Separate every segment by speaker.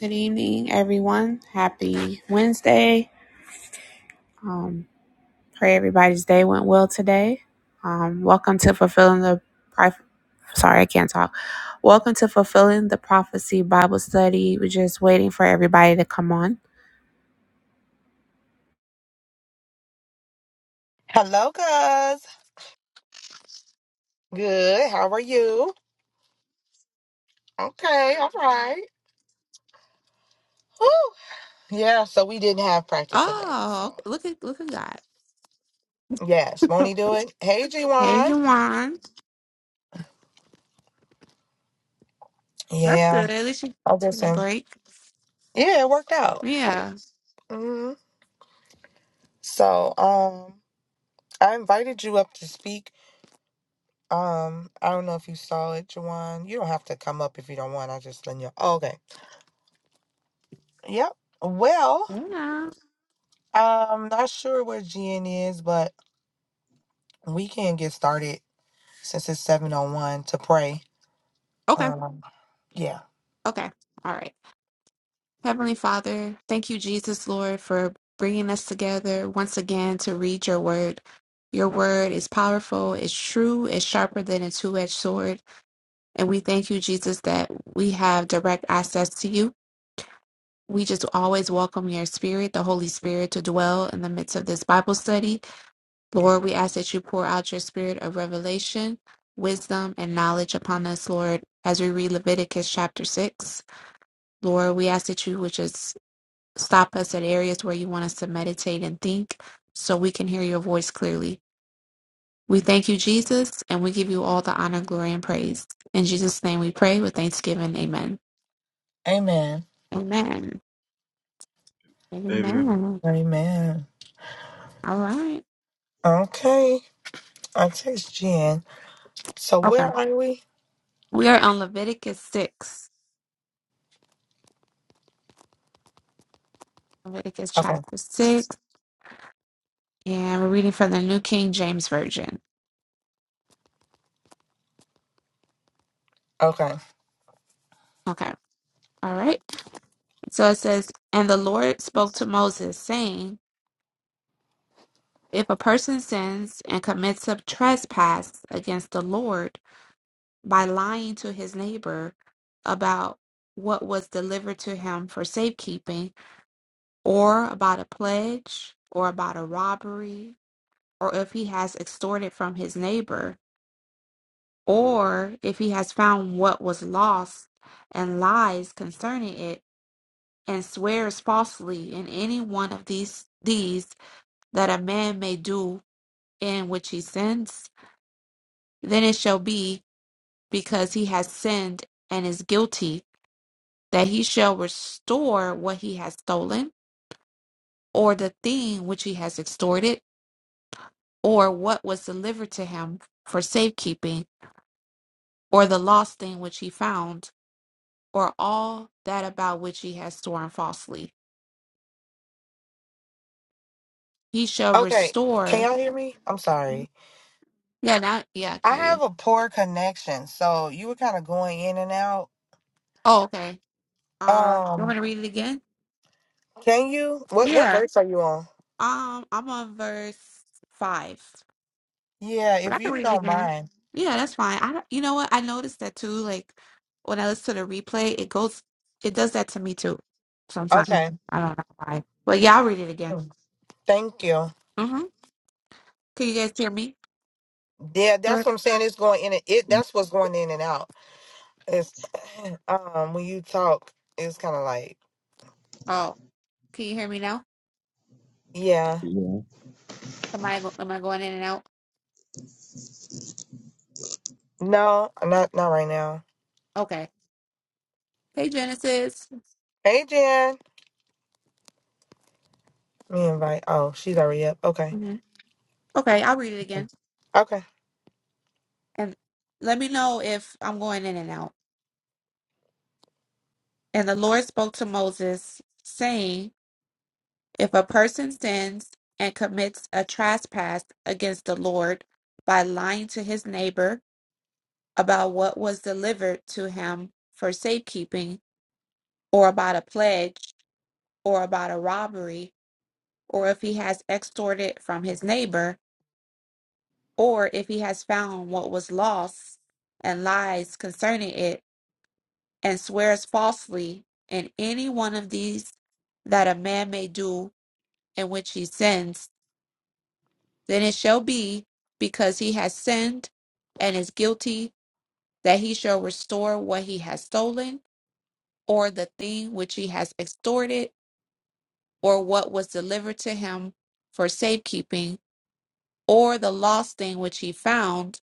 Speaker 1: Good evening, everyone. Happy Wednesday. Um, pray everybody's day went well today. Um, welcome to Fulfilling the Sorry, I can't talk. Welcome to Fulfilling the Prophecy Bible Study. We're just waiting for everybody to come on.
Speaker 2: Hello, guys. Good. How are you? Okay. All right. Whew. Yeah. So we didn't have practice today. So
Speaker 1: Oh, look at look at God.
Speaker 2: yes, won't he do it? Hey,
Speaker 1: Hey,
Speaker 2: G1.
Speaker 1: Juwan. That's
Speaker 2: Yeah.
Speaker 1: good. At least you
Speaker 2: I
Speaker 1: get
Speaker 2: just
Speaker 1: a
Speaker 2: um.
Speaker 1: break.
Speaker 2: Yeah, it worked out.
Speaker 1: Yeah.
Speaker 2: hmm So um, I invited you up to speak. Um, I don't know if you saw it, Juwan. You don't have to come up if you don't want. I just let you. Oh, okay. Yep. Well,
Speaker 1: Yeah.
Speaker 2: I'm not sure where GN is, but we can get started since it's 7:01 to pray.
Speaker 1: Okay.
Speaker 2: Um, yeah.
Speaker 1: Okay. All right. Heavenly Father, thank you, Jesus, Lord, for bringing us together once again to read your word. Your word is powerful, it's true, it's sharper than a two edged sword. And we thank you, Jesus, that we have direct access to you. We just always welcome your spirit, the Holy Spirit, to dwell in the midst of this Bible study Lord, we ask that you pour out your spirit of revelation, wisdom, and knowledge upon us, Lord, as we read Leviticus chapter 6. Lord, we ask that you would just stop us at areas where you want us to meditate and think so we can hear your voice clearly. We thank you, Jesus, and we give you all the honor, glory, and praise. In Jesus' name we pray with thanksgiving. Amen.
Speaker 2: Amen.
Speaker 1: Amen.
Speaker 3: Amen.
Speaker 1: Amen.
Speaker 2: Amen.
Speaker 1: All right.
Speaker 2: Okay. I text Jen. So
Speaker 1: Okay.
Speaker 2: where are we?
Speaker 1: We are on Leviticus 6. Leviticus
Speaker 2: Okay.
Speaker 1: chapter 6. And we're reading from the New King James Version.
Speaker 2: Okay.
Speaker 1: Okay. All right. So it says, And the Lord spoke to Moses, saying, If a person sins and commits a trespass against the Lord by lying to his neighbor about what was delivered to him for safekeeping, or about a pledge, or about a robbery, or if he has extorted from his neighbor, or if he has found what was lost and lies concerning it, and swears falsely in any one of these deeds that a man may do in which he sins, then it shall be because he has sinned and is guilty that he shall restore what he has stolen, or the thing which he has extorted, or what was delivered to him for safekeeping, or the lost thing which he found, or all that about which he has sworn falsely. He shall
Speaker 2: Okay. Can
Speaker 1: restore.
Speaker 2: y'all hear me? I'm sorry.
Speaker 1: Yeah, now, yeah, I can
Speaker 2: I
Speaker 1: hear you.
Speaker 2: have a poor connection, so you were kind of going in and out.
Speaker 1: Oh, okay. Uh, you want me
Speaker 2: Um,
Speaker 1: to read it again?
Speaker 2: can you? What what
Speaker 1: Yeah.
Speaker 2: verse are you on?
Speaker 1: Um, I'm on verse five,
Speaker 2: Yeah,
Speaker 1: but
Speaker 2: if
Speaker 1: I can
Speaker 2: you
Speaker 1: read it
Speaker 2: don't
Speaker 1: again.
Speaker 2: mind.
Speaker 1: Yeah, that's fine. I, don't- you know what? I noticed that too. Like when I listen to the replay, it goes, it does that to me too. Sometimes
Speaker 2: Okay.
Speaker 1: I don't know why. But yeah, I'll read it again.
Speaker 2: Thank you.
Speaker 1: Mm-hmm. Can you guys hear me?
Speaker 2: Yeah, that's
Speaker 1: Sure.
Speaker 2: what I'm saying. It's going in and it. That's what's going in and out. It's um when you talk, it's kind of like
Speaker 1: Oh, can you hear me now?
Speaker 2: yeah.
Speaker 1: Am I go- am I going in and out?
Speaker 2: No, not not right now.
Speaker 1: Okay. Hey Genesis.
Speaker 2: Hey Jen. Let Me invite. Oh, she's already up. Okay.
Speaker 1: hmm Okay, I'll read it again,
Speaker 2: Okay.
Speaker 1: and let me know if I'm going in and out. And the Lord spoke to Moses, saying, If a person sins and commits a trespass against the Lord by lying to his neighbor about what was delivered to him for safekeeping, or about a pledge, or about a robbery, or if he has extorted from his neighbor, or if he has found what was lost and lies concerning it, and swears falsely in any one of these that a man may do in which he sins, then it shall be because he has sinned and is guilty that he shall restore what he has stolen, or the thing which he has extorted, or what was delivered to him for safekeeping, or the lost thing which he found,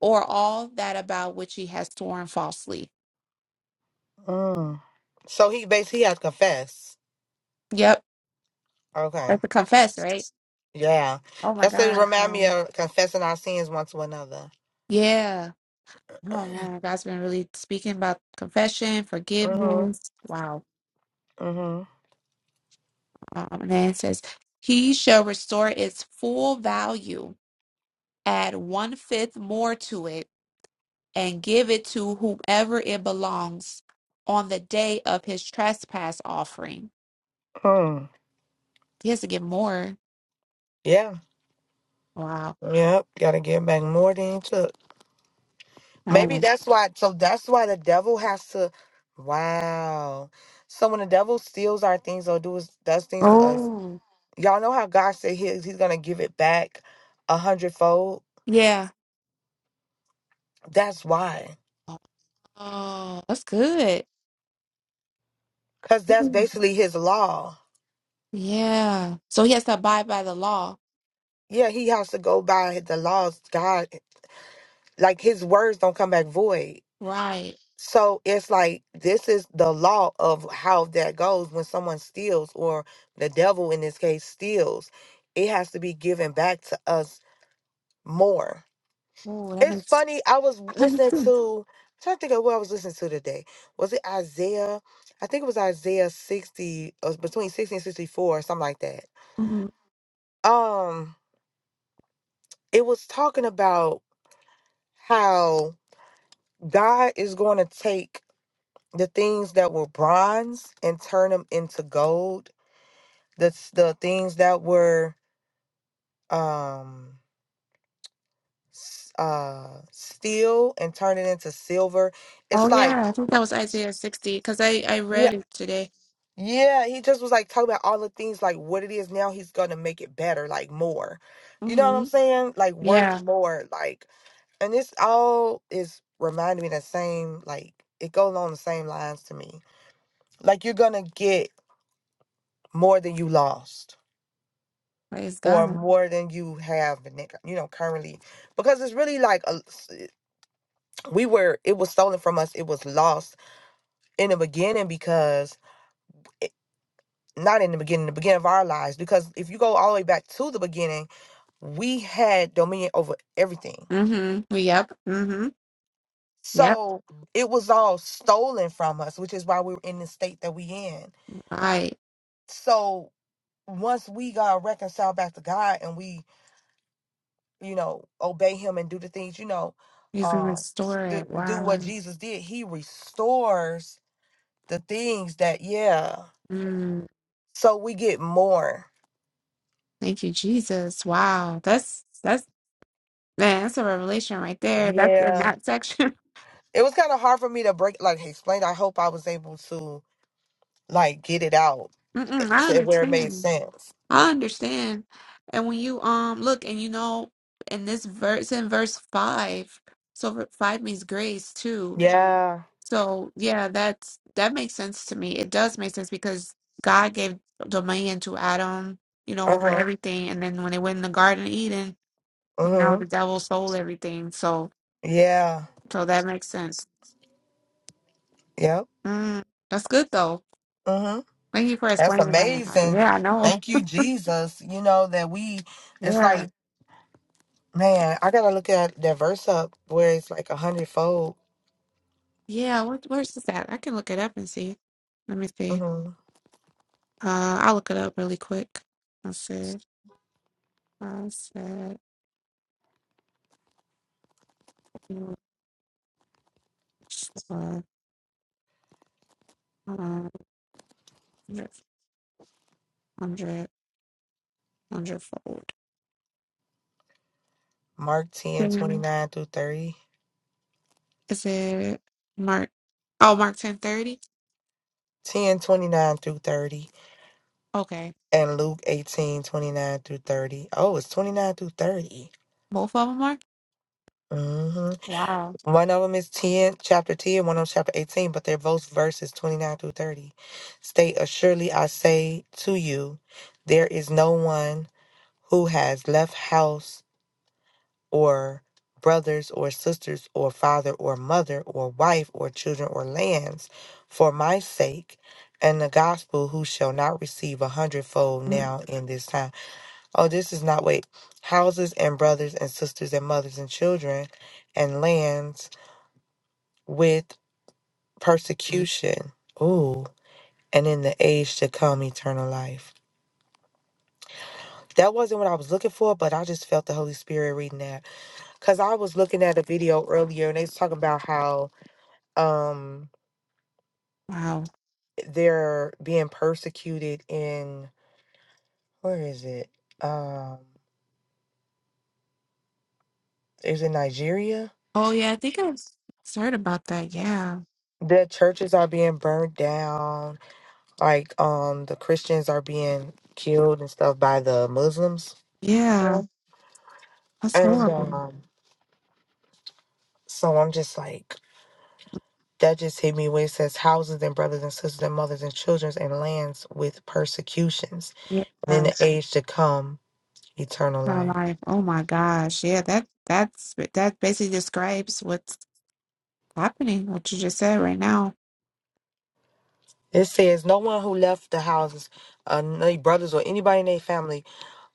Speaker 1: or all that about which he has sworn falsely.
Speaker 2: Mm. So he basically he had to confess.
Speaker 1: Yep,
Speaker 2: Okay.
Speaker 1: that's a confess, right?
Speaker 2: Yeah.
Speaker 1: Oh my
Speaker 2: That's to
Speaker 1: God.
Speaker 2: remind me
Speaker 1: bro.
Speaker 2: of confessing our sins one to another.
Speaker 1: Yeah. Oh man, God's been really speaking about confession,
Speaker 2: Mm-hmm.
Speaker 1: forgiveness. Wow.
Speaker 2: Mm-hmm.
Speaker 1: Um, and then it says, He shall restore its full value, add one fifth more to it, and give it to whomever it belongs on the day of his trespass offering.
Speaker 2: Mm.
Speaker 1: He has to give more.
Speaker 2: Yeah.
Speaker 1: Wow.
Speaker 2: Yep. Gotta give back more than you took.
Speaker 1: I
Speaker 2: Maybe
Speaker 1: haven't.
Speaker 2: that's why so that's why the devil has to Wow. So when the devil steals our things or does does things to us,
Speaker 1: Oh,
Speaker 2: Y'all know how God said he, he's going to give it back a hundredfold?
Speaker 1: yeah.
Speaker 2: That's why.
Speaker 1: Oh, that's good.
Speaker 2: Because that's
Speaker 1: Mhm.
Speaker 2: basically his law.
Speaker 1: Yeah. So he has to abide by the law.
Speaker 2: Yeah, he has to go by the laws. God, like his words don't come back void.
Speaker 1: Right.
Speaker 2: So it's like this is the law of how that goes when someone steals, or the devil in this case steals. It has to be given back to us more.
Speaker 1: Oh, that
Speaker 2: It's
Speaker 1: makes,
Speaker 2: funny. I was
Speaker 1: that makes
Speaker 2: listening
Speaker 1: sense.
Speaker 2: to. I'm trying to think of what I was listening to today. Was it Isaiah? I think it was Isaiah 60, uh, between 60 and 64, something like that.
Speaker 1: Mhm.
Speaker 2: Um, it was talking about how God is going to take the things that were bronze and turn them into gold. That's the things that were um s- uh steel and turn it into silver. It's
Speaker 1: Oh,
Speaker 2: like
Speaker 1: yeah. I think that was Isaiah 60 because I, I
Speaker 2: yeah.
Speaker 1: read it today.
Speaker 2: Yeah, he just was like talking about all the things like what it is now. He's gonna make it better, like more. You know what
Speaker 1: Mm-hmm.
Speaker 2: I'm saying? Like
Speaker 1: Yeah.
Speaker 2: worth more. Like, and this all is reminding me the same. Like it goes along the same lines to me. Like you're gonna get more than you lost,
Speaker 1: Praise
Speaker 2: or
Speaker 1: God.
Speaker 2: more than you have, in you know, currently, because it's really like a, we were. It was stolen from us. It was lost in the beginning because. It, not in the beginning, the beginning of our lives, because if you go all the way back to the beginning, we had dominion over everything.
Speaker 1: Mm-hmm. Well, Yep. Mm-hmm. Yep.
Speaker 2: So it was all stolen from us, which is why we we're in the state that we in.
Speaker 1: Right.
Speaker 2: So once we got reconciled back to God and we, you know, obey Him and do the things, you know,
Speaker 1: You can
Speaker 2: um,
Speaker 1: restore
Speaker 2: do,
Speaker 1: it.
Speaker 2: do what
Speaker 1: Wow.
Speaker 2: Jesus did, He restores the things that, yeah.
Speaker 1: Mm.
Speaker 2: So we get more.
Speaker 1: Thank you, Jesus. Wow. That's that's man, that's a revelation right there. That's in
Speaker 2: Yeah.
Speaker 1: that section.
Speaker 2: It was kind of hard for me to break, like, explain. I hope I was able to, like, get it out
Speaker 1: Mm-mm, I
Speaker 2: to where it made
Speaker 1: understand.
Speaker 2: sense.
Speaker 1: I understand. And when you um look and you know in this verse in verse five, so v- five means grace too.
Speaker 2: Yeah.
Speaker 1: So yeah, that's that makes sense to me. It does make sense because God gave dominion to Adam, you know,
Speaker 2: Uh
Speaker 1: over
Speaker 2: huh.
Speaker 1: everything, and then when they went in the Garden of Eden,
Speaker 2: Uh
Speaker 1: you know,
Speaker 2: huh.
Speaker 1: the devil stole everything. So
Speaker 2: Yeah.
Speaker 1: so that makes sense.
Speaker 2: Yep.
Speaker 1: Mm, that's good though.
Speaker 2: Uh huh.
Speaker 1: Thank you for
Speaker 2: That's
Speaker 1: explaining that.
Speaker 2: amazing.
Speaker 1: Yeah, I know.
Speaker 2: Thank you, Jesus. You know that we. It's
Speaker 1: Yeah,
Speaker 2: like, man, I gotta look at that verse up where it's like a hundredfold.
Speaker 1: yeah. What where's this at? I can look it up and see. Let me see.
Speaker 2: Mm-hmm.
Speaker 1: Uh, I'll look it up really quick. I said, I said, uh, hundred, hundred, hundredfold.
Speaker 2: Mark 10 twenty
Speaker 1: 10,
Speaker 2: nine through 30.
Speaker 1: is it Mark? Oh, Mark 1030?
Speaker 2: ten twenty nine through 30.
Speaker 1: Okay.
Speaker 2: And Luke 18 29 through 30. Oh, it's 29 through 30.
Speaker 1: Both of them are?
Speaker 2: Mm-hmm.
Speaker 1: Wow.
Speaker 2: One of them is 10, chapter 10, and one of them chapter 18, but they're both verses 29 through 30. State, Assuredly I say to you, there is no one who has left house or brothers or sisters or father or mother or wife or children or lands for my sake and the gospel who shall not receive a hundredfold
Speaker 1: Mm,
Speaker 2: now in this time. Oh, this is not, wait, houses and brothers and sisters and mothers and children and lands. with. persecution. Ooh. And in the age to come, eternal life. That wasn't what I was looking for, but I just felt the Holy Spirit reading that. Cause I was looking at a video earlier and they was talking about how um
Speaker 1: Wow.
Speaker 2: they're being persecuted in where is it? Um is it Nigeria?
Speaker 1: Oh, yeah. I think I heard about that. Yeah.
Speaker 2: The churches are being burned down, like um the Christians are being killed and stuff by the Muslims.
Speaker 1: Yeah. That's
Speaker 2: And
Speaker 1: horrible.
Speaker 2: um so I'm just like That just hit me where it says houses and brothers and sisters and mothers and children and lands with persecutions.
Speaker 1: Yeah.
Speaker 2: And in
Speaker 1: Her
Speaker 2: the age to come, eternal life.
Speaker 1: life. Oh, my gosh. Yeah. That, that's, that basically describes what's happening, what you just said right now.
Speaker 2: It says, No one who left the houses, uh, their brothers or anybody in their family,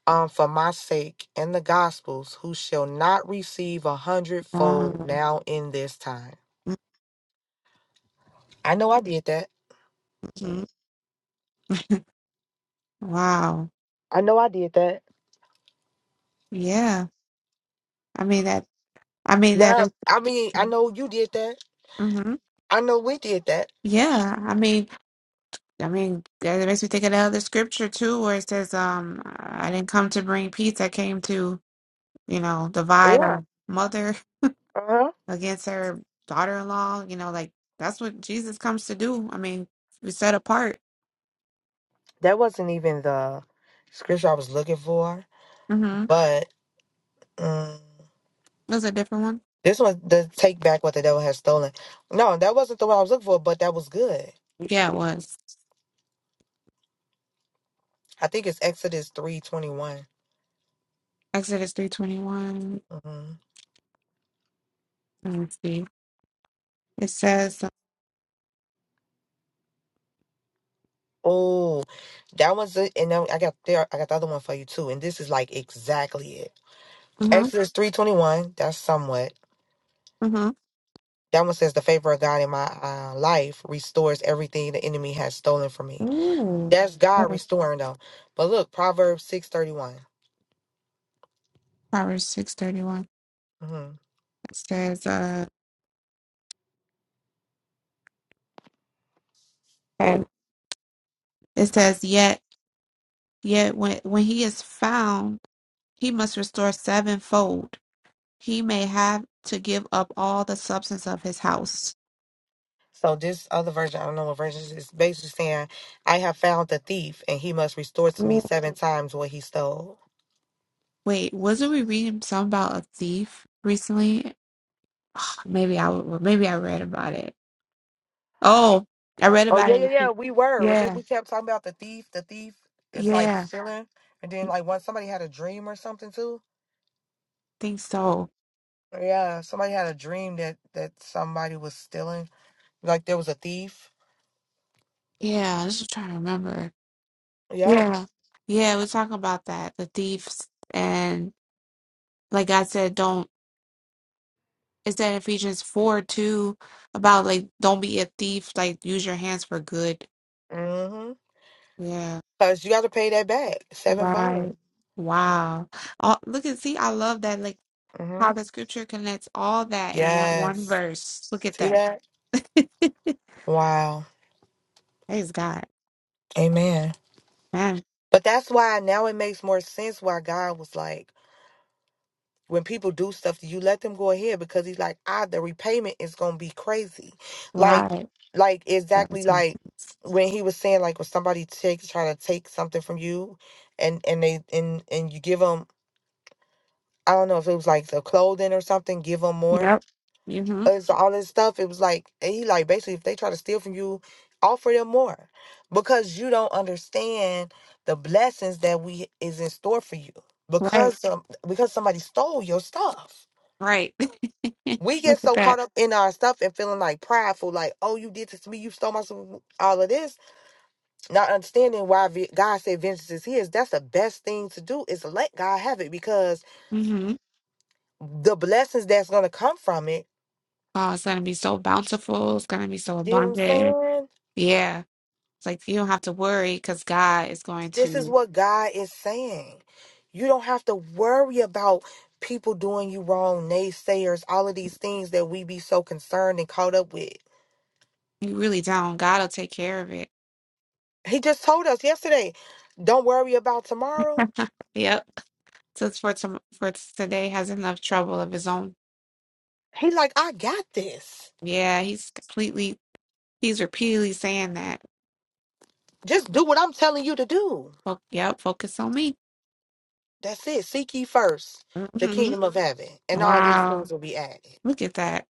Speaker 2: um, for my sake and the gospels, who shall not receive a hundredfold
Speaker 1: Wow.
Speaker 2: now in this time. I know I did that.
Speaker 1: hmm Wow.
Speaker 2: I know I did that.
Speaker 1: Yeah. I mean, that, I mean, that,
Speaker 2: Yeah, I mean, I know you did that.
Speaker 1: mm-hmm.
Speaker 2: I know we did that.
Speaker 1: Yeah. I mean, I mean, that that makes me think of the other scripture too, where it says, um, I didn't come to bring peace. I came to, you know, divide
Speaker 2: Yeah.
Speaker 1: our mother
Speaker 2: Uh huh.
Speaker 1: against her daughter in law. You know, like that's what Jesus comes to do. I mean, we set apart.
Speaker 2: That wasn't even the scripture I was looking for.
Speaker 1: Mm-hmm.
Speaker 2: But mm,
Speaker 1: It Was a different one?
Speaker 2: this was the take back what the devil has stolen. No, that wasn't the one I was looking for, but that was good.
Speaker 1: Yeah, it was.
Speaker 2: I think it's Exodus three twenty one.
Speaker 1: Exodus 321.
Speaker 2: Mm-hmm.
Speaker 1: Let me see. It says,
Speaker 2: Oh, that one's it. And then I got there. I got the other one for you too. And this is like exactly it.
Speaker 1: uh-huh,
Speaker 2: Exodus three twenty one. That's somewhat.
Speaker 1: uh-huh.
Speaker 2: That one says the favor of God in my uh, life restores everything the enemy has stolen from me.
Speaker 1: Ooh,
Speaker 2: That's
Speaker 1: that
Speaker 2: God
Speaker 1: was
Speaker 2: restoring though. But look, Proverbs six thirty one.
Speaker 1: Proverbs 631. It says, uh, and it says, yet, yet when, when he is found, He must restore sevenfold. He may have to give up all the substance of his house.
Speaker 2: So this other version, I don't know what version it is, basically saying, I have found the thief and he must restore to me seven times what he stole.
Speaker 1: Wait, wasn't we reading something about a thief recently? Ah, Maybe I, maybe I read about it. Oh, I read
Speaker 2: Oh
Speaker 1: about
Speaker 2: yeah,
Speaker 1: it. in
Speaker 2: yeah, yeah.
Speaker 1: the-
Speaker 2: We were.
Speaker 1: Yeah,
Speaker 2: Remember we kept talking about the thief, the thief is like
Speaker 1: yeah,
Speaker 2: stealing. And then like once somebody had a dream or something too.
Speaker 1: think so.
Speaker 2: Yeah, somebody had a dream that that somebody was stealing. Like there was a thief.
Speaker 1: Yeah, I was just trying to remember.
Speaker 2: Yep.
Speaker 1: Yeah, yeah, we're talking about that, the thieves, and like I said, don't. It's that Ephesians four too about like don't be a thief. Like use your hands for good
Speaker 2: Mm-hmm.
Speaker 1: Yeah,
Speaker 2: Cause you gotta pay that back. sevenfold.
Speaker 1: right. Wow. Oh, look at, see, I love that, like
Speaker 2: Mm-hmm.
Speaker 1: how the scripture connects all that in that one
Speaker 2: Yes.
Speaker 1: verse. Look at
Speaker 2: See
Speaker 1: that.
Speaker 2: that? Wow.
Speaker 1: Praise God.
Speaker 2: Amen.
Speaker 1: Man,
Speaker 2: But that's why now it makes more sense why God was like, when people do stuff to you, let them go ahead because he's like, ah, the repayment is gonna be crazy. Like,
Speaker 1: right.
Speaker 2: like
Speaker 1: That
Speaker 2: exactly
Speaker 1: was me.
Speaker 2: like when he was saying like when somebody takes try to take something from you and and they and and you give them I don't know if it was like the clothing or something, give them more
Speaker 1: Yep. Mm-hmm.
Speaker 2: us all this stuff. It was like and he like basically if they try to steal from you, offer them more. Because you don't understand the blessings that we is in store for you.
Speaker 1: Right.
Speaker 2: Because some because somebody stole your stuff.
Speaker 1: Right.
Speaker 2: We
Speaker 1: Look
Speaker 2: get
Speaker 1: at
Speaker 2: so
Speaker 1: that.
Speaker 2: caught up in our stuff and feeling like prideful, like, oh, you did this to me, you stole my stuff, all of this, not understanding why ve- God said vengeance is His. That's the best thing to do is to let God have it because
Speaker 1: Mm-hmm.
Speaker 2: the blessings that's going to come from it,
Speaker 1: Oh, it's gonna be so bountiful. It's gonna be so
Speaker 2: you know what I'm
Speaker 1: abundant.
Speaker 2: saying?
Speaker 1: Yeah. It's like you don't have to worry because God is going
Speaker 2: This is
Speaker 1: to,
Speaker 2: what God is saying. You don't have to worry about people doing you wrong, naysayers, all of these things that we be so concerned and caught up with.
Speaker 1: you really don't. God will take care of it.
Speaker 2: He just told us yesterday, don't worry about tomorrow.
Speaker 1: Yep. Since for tom for today has enough trouble of his own.
Speaker 2: He like, I got this.
Speaker 1: Yeah, he's completely he's repeatedly saying that.
Speaker 2: Just do what I'm telling you to do.
Speaker 1: Fo- yep, focus on me.
Speaker 2: That's it. Seek ye first the
Speaker 1: hmm
Speaker 2: kingdom of heaven, and all these
Speaker 1: Wow,
Speaker 2: things will be added.
Speaker 1: look at that,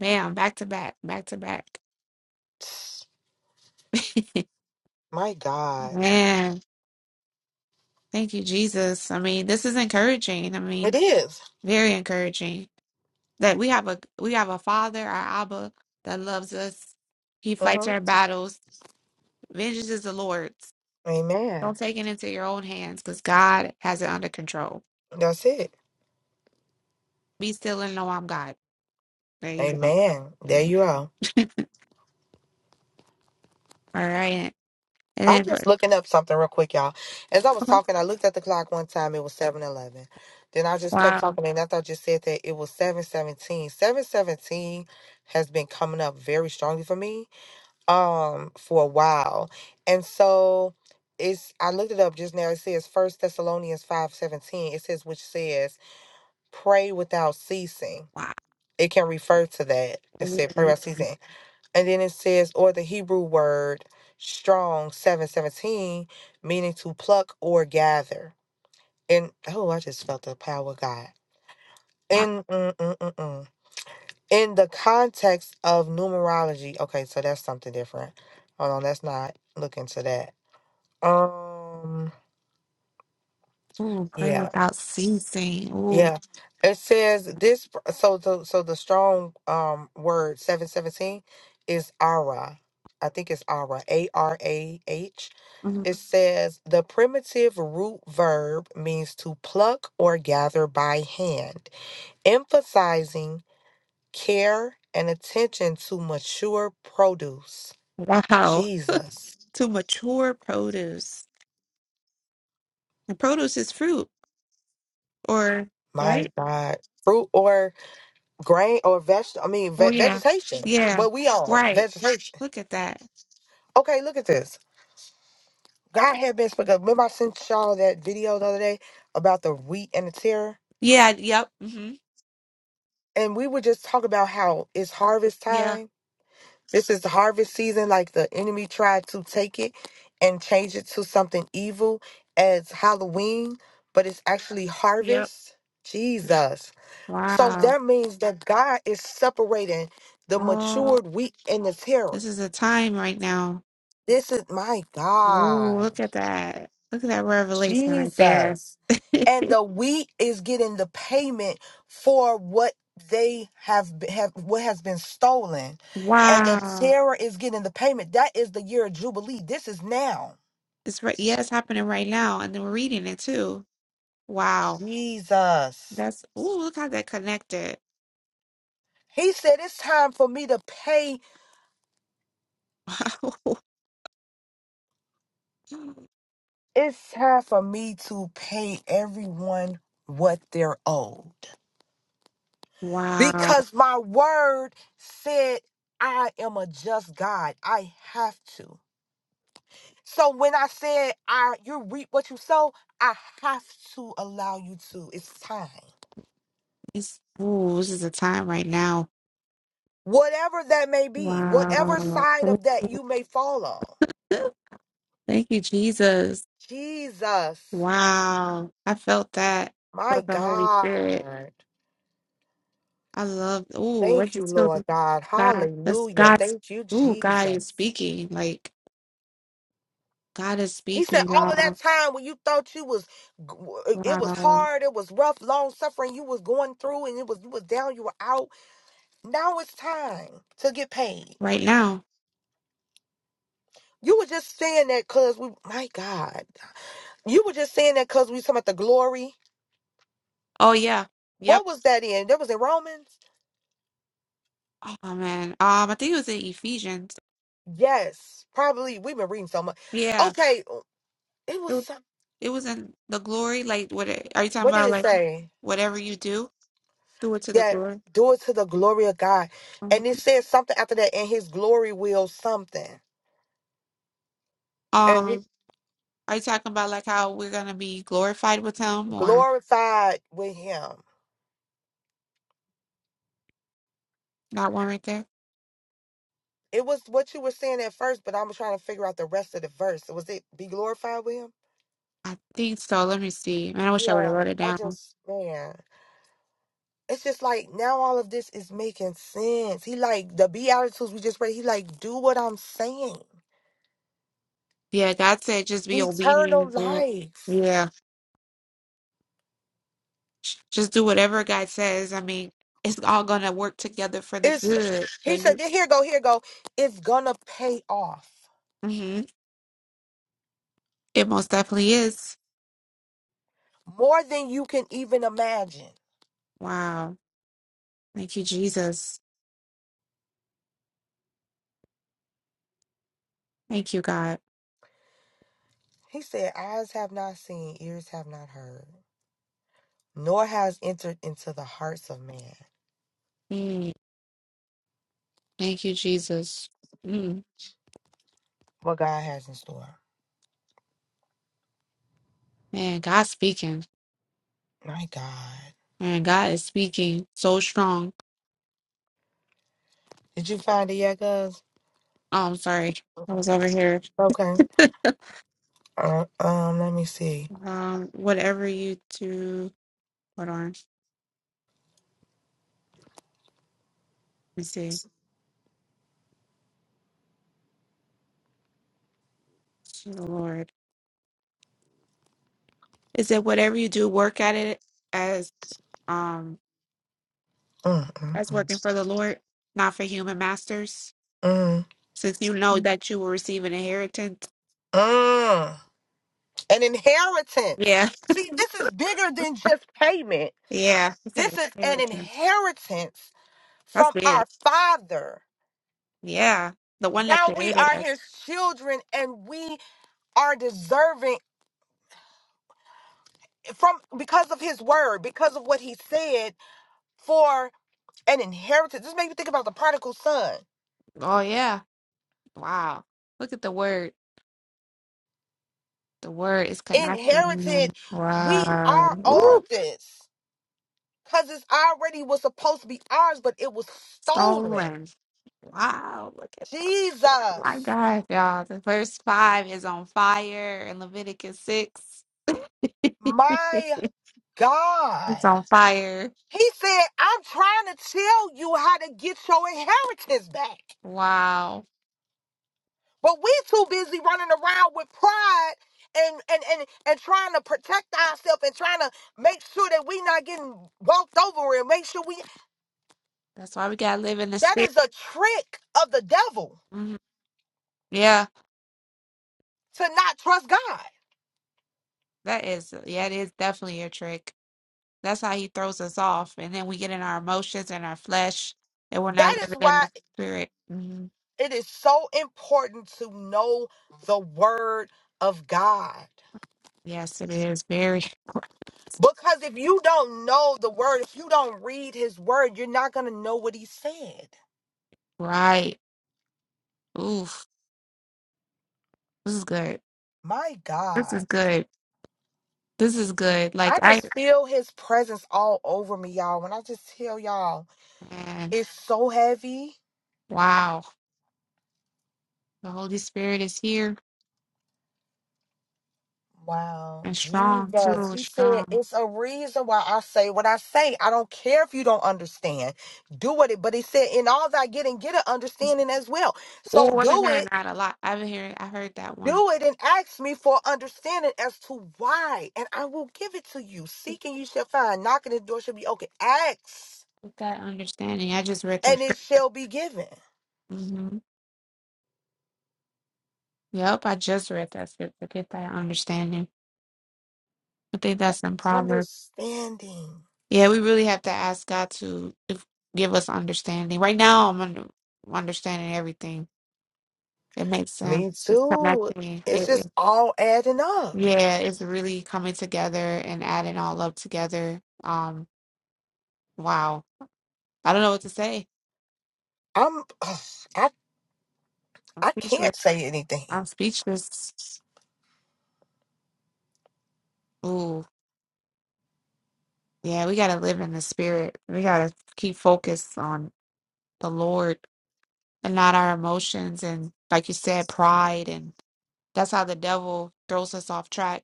Speaker 1: man! Back to back, back to back.
Speaker 2: My God,
Speaker 1: Man, thank you, Jesus. I mean, this is encouraging. I
Speaker 2: it
Speaker 1: mean,
Speaker 2: is.
Speaker 1: very encouraging that we have a we have a Father, our Abba, that loves us. He fights
Speaker 2: Mhm.
Speaker 1: our battles. Vengeance is the Lord's. Don't
Speaker 2: Amen.
Speaker 1: take it into your own hands because God has it under control.
Speaker 2: That's it.
Speaker 1: Be still and know I'm God. There you go.
Speaker 2: Amen. There
Speaker 1: Amen.
Speaker 2: you are.
Speaker 1: All right. And
Speaker 2: I'm
Speaker 1: then, for-
Speaker 2: just looking up something real quick, y'all. As I was
Speaker 1: okay.
Speaker 2: talking, I looked at the clock one time. It was seven eleven. Then I just kept
Speaker 1: wow.
Speaker 2: talking, and after I just said that, it was seven seventeen. Seven seventeen has been coming up very strongly for me um, for a while. And so it's I looked it up just now. It says First Thessalonians five seventeen. It says, which says, pray without ceasing.
Speaker 1: Wow.
Speaker 2: It can refer to that. It said, pray
Speaker 1: Ooh,
Speaker 2: without ceasing. And then it says, or the Hebrew word strong 717, meaning to pluck or gather. And oh, I just felt the power of God.
Speaker 1: wow.
Speaker 2: In, mm, mm, mm, mm. in the context of numerology, okay, so that's something different. Hold on, let's not look into that. Um,
Speaker 1: Ooh, pray
Speaker 2: yeah,
Speaker 1: without ceasing. Ooh,
Speaker 2: yeah. It says this. So the so the strong um word seven seventeen is ara. I think it's ara. A R A H
Speaker 1: mm,
Speaker 2: It says the primitive root verb means to pluck or gather by hand, emphasizing care and attention to mature produce.
Speaker 1: wow.
Speaker 2: Jesus,
Speaker 1: To mature produce. And produce is fruit, or,
Speaker 2: my
Speaker 1: right?
Speaker 2: God. Fruit or grain or vegetable, I mean,
Speaker 1: Oh,
Speaker 2: ve-
Speaker 1: yeah.
Speaker 2: vegetation.
Speaker 1: Yeah.
Speaker 2: What we on?
Speaker 1: Right.
Speaker 2: Vegetation.
Speaker 1: Look at that.
Speaker 2: Okay, look at this. God had been speaking. Remember, I sent y'all that video the other day about the wheat and the tear?
Speaker 1: Yeah. Yep. hmm
Speaker 2: And we would just talk about how it's harvest
Speaker 1: Yeah.
Speaker 2: time This is the harvest season, like the enemy tried to take it and change it to something evil as Halloween, but it's actually
Speaker 1: Yep.
Speaker 2: harvest. Jesus. So
Speaker 1: Wow.
Speaker 2: that means that God is separating the
Speaker 1: Oh,
Speaker 2: matured wheat and the terror.
Speaker 1: this is a time right now.
Speaker 2: This is my
Speaker 1: Ooh,
Speaker 2: God.
Speaker 1: look at that. Look at that revelation right there.
Speaker 2: Jesus. And the wheat is getting the payment for what they have b- have what has been stolen. And the
Speaker 1: Wow.
Speaker 2: terror is getting the payment. That is the year of Jubilee. This is now.
Speaker 1: It's right. Yeah, it's happening right now. And then we're reading it too. Wow.
Speaker 2: Jesus.
Speaker 1: That's, ooh, look how that connected.
Speaker 2: He said it's time for me to pay.
Speaker 1: Wow.
Speaker 2: It's time for me to pay everyone what they're owed.
Speaker 1: Wow.
Speaker 2: Because my word said I am a just God. I have to. So when I said I you reap what you sow, I have to allow you to. It's time.
Speaker 1: It's, ooh, this is a time right now.
Speaker 2: Whatever that may be, whatever
Speaker 1: Wow.
Speaker 2: side
Speaker 1: Ooh.
Speaker 2: of that you may fall on.
Speaker 1: Thank you, Jesus.
Speaker 2: Jesus,
Speaker 1: Wow. I felt that.
Speaker 2: my
Speaker 1: Felt the Holy Spirit.
Speaker 2: God.
Speaker 1: I love, ooh, I
Speaker 2: Thank you,
Speaker 1: just feel
Speaker 2: Lord
Speaker 1: like?
Speaker 2: God.
Speaker 1: God. That's
Speaker 2: Hallelujah.
Speaker 1: God's,
Speaker 2: Thank you,
Speaker 1: ooh, God is
Speaker 2: Jesus.
Speaker 1: speaking. Like, God is
Speaker 2: He said,
Speaker 1: speaking,
Speaker 2: all of
Speaker 1: y'all.
Speaker 2: that time when you thought you was, it was
Speaker 1: Wow.
Speaker 2: hard, it was rough, long suffering, you was going through, and it was you was down, you were out. Now it's time to get paid.
Speaker 1: Right now.
Speaker 2: You were just saying that because we, my God, you were just saying that because we talking about the glory.
Speaker 1: Oh yeah. Yep.
Speaker 2: What was that in? That was in Romans?
Speaker 1: Oh man. Um, I think it was in Ephesians.
Speaker 2: Yes, probably. We've been reading so much.
Speaker 1: Yeah.
Speaker 2: Okay, uh, it
Speaker 1: It
Speaker 2: was
Speaker 1: was,
Speaker 2: some,
Speaker 1: it was in the glory. Like, what it- are you talking
Speaker 2: what did
Speaker 1: about?
Speaker 2: it
Speaker 1: Like,
Speaker 2: say?
Speaker 1: whatever you do, do it to the
Speaker 2: That
Speaker 1: glory.
Speaker 2: do it to the glory of God.
Speaker 1: Mhm.
Speaker 2: And it says something after that, and his glory will something. And he
Speaker 1: Um, are you talking about like how we're gonna be glorified with Him or
Speaker 2: glorified with him.
Speaker 1: that one right there?
Speaker 2: It was what you were saying at first, but I'm trying to figure out the rest of the verse. Was it be glorified with him?
Speaker 1: I think so. Let me see. Man, I wish I would have
Speaker 2: Yeah,
Speaker 1: wrote it
Speaker 2: I
Speaker 1: down.
Speaker 2: just, man. it's just like now all of this is making sense. He like the Beatitudes we just read, he like, do what I'm saying.
Speaker 1: Yeah, God said just be obedient
Speaker 2: Eternal
Speaker 1: and do it.
Speaker 2: life.
Speaker 1: Yeah. Just do whatever God says. I mean, it's all gonna work together for the
Speaker 2: It's
Speaker 1: good.
Speaker 2: he
Speaker 1: That
Speaker 2: said,
Speaker 1: you,
Speaker 2: "Then here go, here go. It's gonna pay off
Speaker 1: hmm It most definitely is.
Speaker 2: more than you can even imagine.
Speaker 1: Wow. Thank you, Jesus. Thank you, God.
Speaker 2: He said, Eyes have not seen, ears have not heard, nor has entered into the hearts of man
Speaker 1: Mm. Thank you, Jesus. Mm.
Speaker 2: what God has in store.
Speaker 1: Man, God's speaking.
Speaker 2: My God.
Speaker 1: Man, God is speaking so strong.
Speaker 2: Did you find it yet, Gus?
Speaker 1: Oh, I'm sorry. I was over here.
Speaker 2: Okay. Uh, um, let me see.
Speaker 1: Um, whatever you do, hold on. Let me see. To the Lord. Is it whatever you do, work at it as um
Speaker 2: Mm,
Speaker 1: as
Speaker 2: mm,
Speaker 1: working for the Lord, not for human masters?
Speaker 2: mm.
Speaker 1: Since you know that you will receive an inheritance.
Speaker 2: Mm. An inheritance.
Speaker 1: Yeah.
Speaker 2: See, this is bigger than just payment.
Speaker 1: Yeah. It's
Speaker 2: This
Speaker 1: an
Speaker 2: is an
Speaker 1: inheritance.
Speaker 2: inheritance
Speaker 1: That's
Speaker 2: from
Speaker 1: big.
Speaker 2: our Father.
Speaker 1: Yeah, the one that
Speaker 2: Now we
Speaker 1: created
Speaker 2: are
Speaker 1: us.
Speaker 2: his children and we are deserving from because of his word, because of what he said for an inheritance. This makes me think about the prodigal son.
Speaker 1: Oh yeah. Wow. Look at the word. The word is connecting.
Speaker 2: Inherited, we
Speaker 1: Wow.
Speaker 2: are owed
Speaker 1: Ooh,
Speaker 2: this because it's already was supposed to be ours, but it was stolen.
Speaker 1: stolen. Wow. Look at my
Speaker 2: Jesus.
Speaker 1: God, y'all. The verse five is on fire in Leviticus six.
Speaker 2: My
Speaker 1: It's
Speaker 2: God.
Speaker 1: on fire.
Speaker 2: He said, I'm trying to tell you how to get your inheritance back.
Speaker 1: Wow.
Speaker 2: But we too busy running around with pride and and and, and trying to protect ourselves and trying to make sure that we not getting walked over and make sure we
Speaker 1: That's why we gotta live in the
Speaker 2: that
Speaker 1: spirit.
Speaker 2: is a trick of the devil
Speaker 1: Mhm. Yeah,
Speaker 2: to not trust God.
Speaker 1: that is yeah, it is definitely a trick. That's how he throws us off, and then we get in our emotions and our flesh, and we're not
Speaker 2: That is
Speaker 1: living in
Speaker 2: why
Speaker 1: the spirit. hmm
Speaker 2: it is so important to know the word of God.
Speaker 1: Yes, it is very
Speaker 2: Because if you don't know the word, if you don't read his word, you're not going to know what he said.
Speaker 1: right. Oof, this is good.
Speaker 2: My
Speaker 1: This is
Speaker 2: God.
Speaker 1: good. This is good. Like
Speaker 2: I
Speaker 1: I,
Speaker 2: just feel his presence all over me, y'all. When I just tell y'all,
Speaker 1: man,
Speaker 2: it's so heavy.
Speaker 1: wow, the Holy Spirit is here
Speaker 2: Wow.
Speaker 1: and strong
Speaker 2: Jesus.
Speaker 1: too,
Speaker 2: He said,
Speaker 1: strong.
Speaker 2: it's a reason why I say what I say. I don't care if you don't understand. Do what it, but he said, in all thy getting, get an understanding as well. So
Speaker 1: Oh, I've been
Speaker 2: do it
Speaker 1: hearing that a lot. I've been hearing. I heard that one.
Speaker 2: Do it and ask me for understanding as to why, and I will give it to you. Seek and you shall find. Knocking the door shall be open. Ask
Speaker 1: Get that understanding. I just read that.
Speaker 2: and it shall be given.
Speaker 1: Mm-hmm. Yep, I just read that scripture. Get that understanding. I think that's in Proverbs.
Speaker 2: Understanding.
Speaker 1: Yeah, we really have to ask God to if, give us understanding. Right now, I'm under, understanding everything. It makes sense.
Speaker 2: Me
Speaker 1: It's
Speaker 2: too.
Speaker 1: connecting.
Speaker 2: It's
Speaker 1: It, it,
Speaker 2: just all adding up.
Speaker 1: yeah, it's really coming together and adding all up together. Um, wow. I don't know what to say.
Speaker 2: I'm. ugh, I
Speaker 1: I'm
Speaker 2: I
Speaker 1: speechless.
Speaker 2: can't say anything.
Speaker 1: I'm speechless. Ooh, yeah. We gotta live in the spirit. We gotta keep focused on the Lord and not our emotions and, like you said, pride. And that's how the devil throws us off track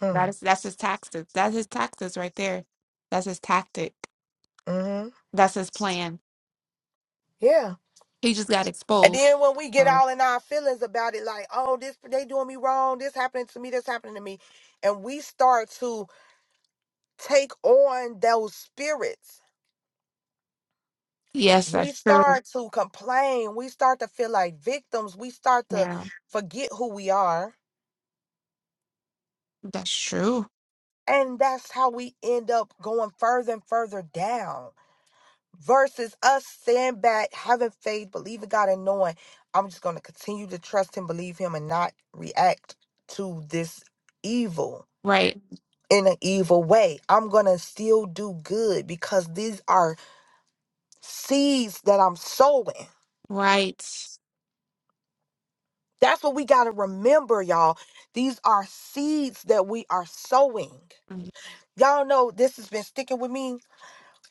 Speaker 2: Hmm.
Speaker 1: That is that's his taxes. That's his taxes right there. That's his tactic.
Speaker 2: Mm-hmm.
Speaker 1: That's his plan.
Speaker 2: Yeah.
Speaker 1: He just got
Speaker 2: And
Speaker 1: exposed.
Speaker 2: then when we get
Speaker 1: So
Speaker 2: all in our feelings about it, like, oh, this they doing me wrong. This happening to me. This happening to me, and we start to take on those spirits
Speaker 1: yes,
Speaker 2: we
Speaker 1: that's true.
Speaker 2: start to complain. We start to feel like victims. We start to
Speaker 1: Yeah,
Speaker 2: forget who we are.
Speaker 1: that's true.
Speaker 2: And that's how we end up going further and further down versus us standing back, having faith, believing God, and knowing I'm just going to continue to trust Him, believe Him, and not react to this evil
Speaker 1: Right,
Speaker 2: in an evil way. I'm going to still do good because these are seeds that I'm sowing.
Speaker 1: right.
Speaker 2: That's what we got to remember, y'all. These are seeds that we are sowing.
Speaker 1: Mm,
Speaker 2: Y'all know this has been sticking with me.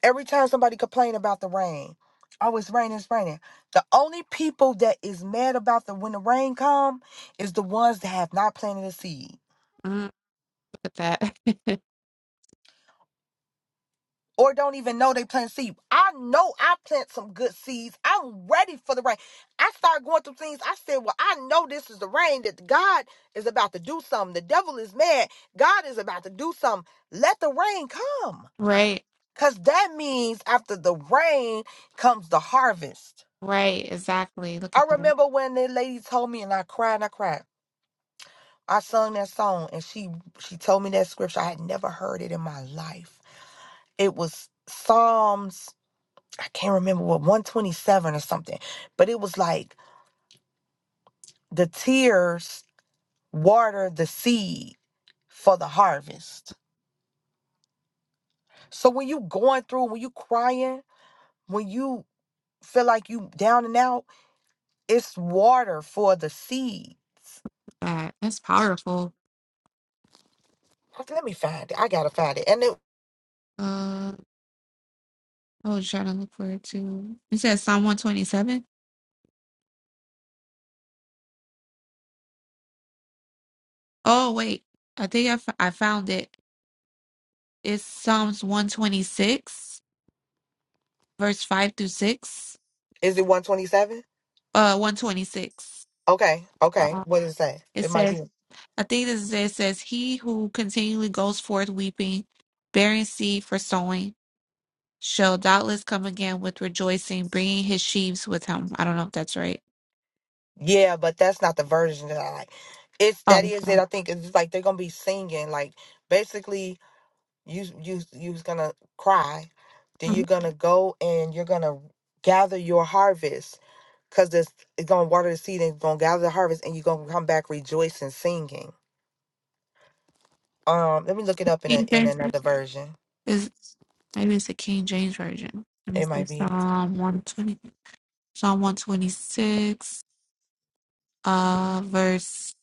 Speaker 2: Every time somebody complain about the rain, oh, it's raining, it's raining. The only people that is mad about the when the rain come is the ones that have not planted a seed.
Speaker 1: mm, look at that.
Speaker 2: or don't even know they plant seed. I know I plant some good seeds. I'm ready for the rain. I started going through things. I said, Well, I know this is the rain that God is about to do something. The devil is mad. God is about to do something. Let the rain come.
Speaker 1: right,
Speaker 2: Because that means after the rain comes the harvest.
Speaker 1: right. Exactly. Look
Speaker 2: I
Speaker 1: at that. Look
Speaker 2: remember when the lady told me, and I cried and I cried. I sung that song, and she she told me that scripture. I had never heard it in my life. It was Psalms I can't remember what 127 or something, but it was like the tears water the seed for the harvest. So when you going through, when you crying, when you feel like you down and out, it's water for the seeds.
Speaker 1: at that. That's powerful.
Speaker 2: Okay, Let me find it. I gotta find it. And it
Speaker 1: Uh, I was trying to look for it too. It says Psalm one twenty seven. Oh wait, I think I, f- I found it. It's Psalms one twenty six, verse five through six.
Speaker 2: is it 127?
Speaker 1: uh 126
Speaker 2: Okay, okay.
Speaker 1: uh,
Speaker 2: What does it say?
Speaker 1: it
Speaker 2: It might
Speaker 1: says
Speaker 2: be.
Speaker 1: i think this is it. It says he who continually goes forth weeping bearing seed for sowing shall doubtless come again with rejoicing bringing his sheaves with him i don't know if that's right
Speaker 2: Yeah, but that's not the version that I like. It's that
Speaker 1: oh
Speaker 2: is it.
Speaker 1: um,
Speaker 2: I think it's like they're gonna be singing like basically you you you was gonna cry then
Speaker 1: mm-hmm.
Speaker 2: you're gonna go and you're gonna gather your harvest because it's, gonna water the seed and it's gonna gather the harvest and you're gonna come back rejoicing singing um let me look it up in, a,
Speaker 1: king
Speaker 2: in
Speaker 1: james
Speaker 2: another version
Speaker 1: is maybe it's the king james version let me
Speaker 2: it
Speaker 1: see
Speaker 2: might be
Speaker 1: psalm 120 psalm 126 uh verse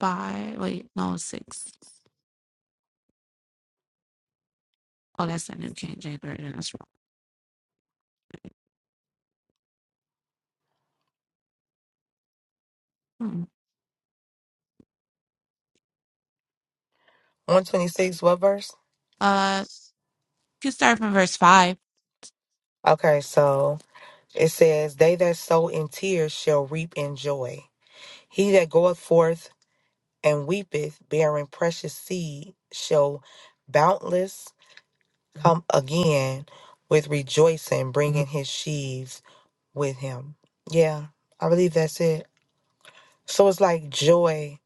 Speaker 1: 5 wait no 6 oh that's the new king james version that's wrong hmm.
Speaker 2: 126 what verse
Speaker 1: uh you can start from verse 5
Speaker 2: okay so it says they that sow in tears shall reap in joy he that goeth forth and weepeth bearing precious seed shall boundless come again with rejoicing, bringing his sheaves with him. Yeah, I believe that's it. So it's like joy.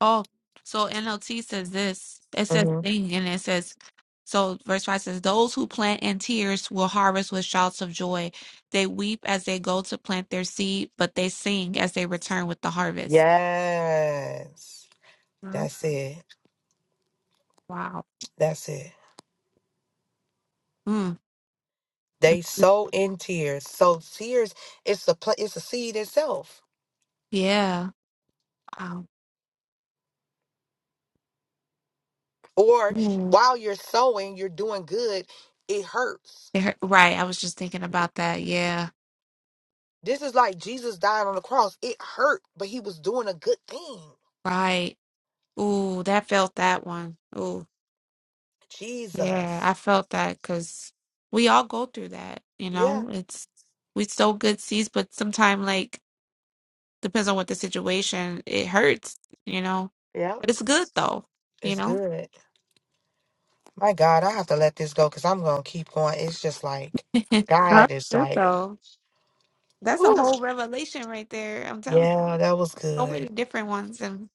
Speaker 1: Oh, so NLT says this. It says
Speaker 2: hmm
Speaker 1: thing, and it says, so verse 5 says, Those who plant in tears will harvest with shouts of joy. They weep as they go to plant their seed, but they sing as they return with the harvest.
Speaker 2: Yes,
Speaker 1: Mm,
Speaker 2: that's it.
Speaker 1: Wow.
Speaker 2: That's it.
Speaker 1: Mm,
Speaker 2: They sow in tears. So tears, it's a pl- it's a seed itself.
Speaker 1: yeah. Wow.
Speaker 2: Or
Speaker 1: Ooh.
Speaker 2: while you're sowing, you're doing good. It hurts.
Speaker 1: It hurt- Right. I was just thinking about that. Yeah.
Speaker 2: This is like Jesus dying on the cross. It hurt, but he was doing a good thing.
Speaker 1: Right. Ooh, that felt that one. Ooh. Yeah,
Speaker 2: Jesus.
Speaker 1: I felt that because we all go through that, you
Speaker 2: Yeah.
Speaker 1: know? It's we sow good seeds, but sometimes like depends on what the situation. It hurts, you know,
Speaker 2: Yeah.
Speaker 1: but it's good though, you
Speaker 2: It's
Speaker 1: know.
Speaker 2: good. My God, I have to let this go because I'm gonna keep going. It's just like
Speaker 1: Not
Speaker 2: God is
Speaker 1: good
Speaker 2: like,
Speaker 1: though. That's a
Speaker 2: Ooh.
Speaker 1: whole revelation right there. I'm telling you,
Speaker 2: yeah, that was
Speaker 1: so many
Speaker 2: good.
Speaker 1: different ones, and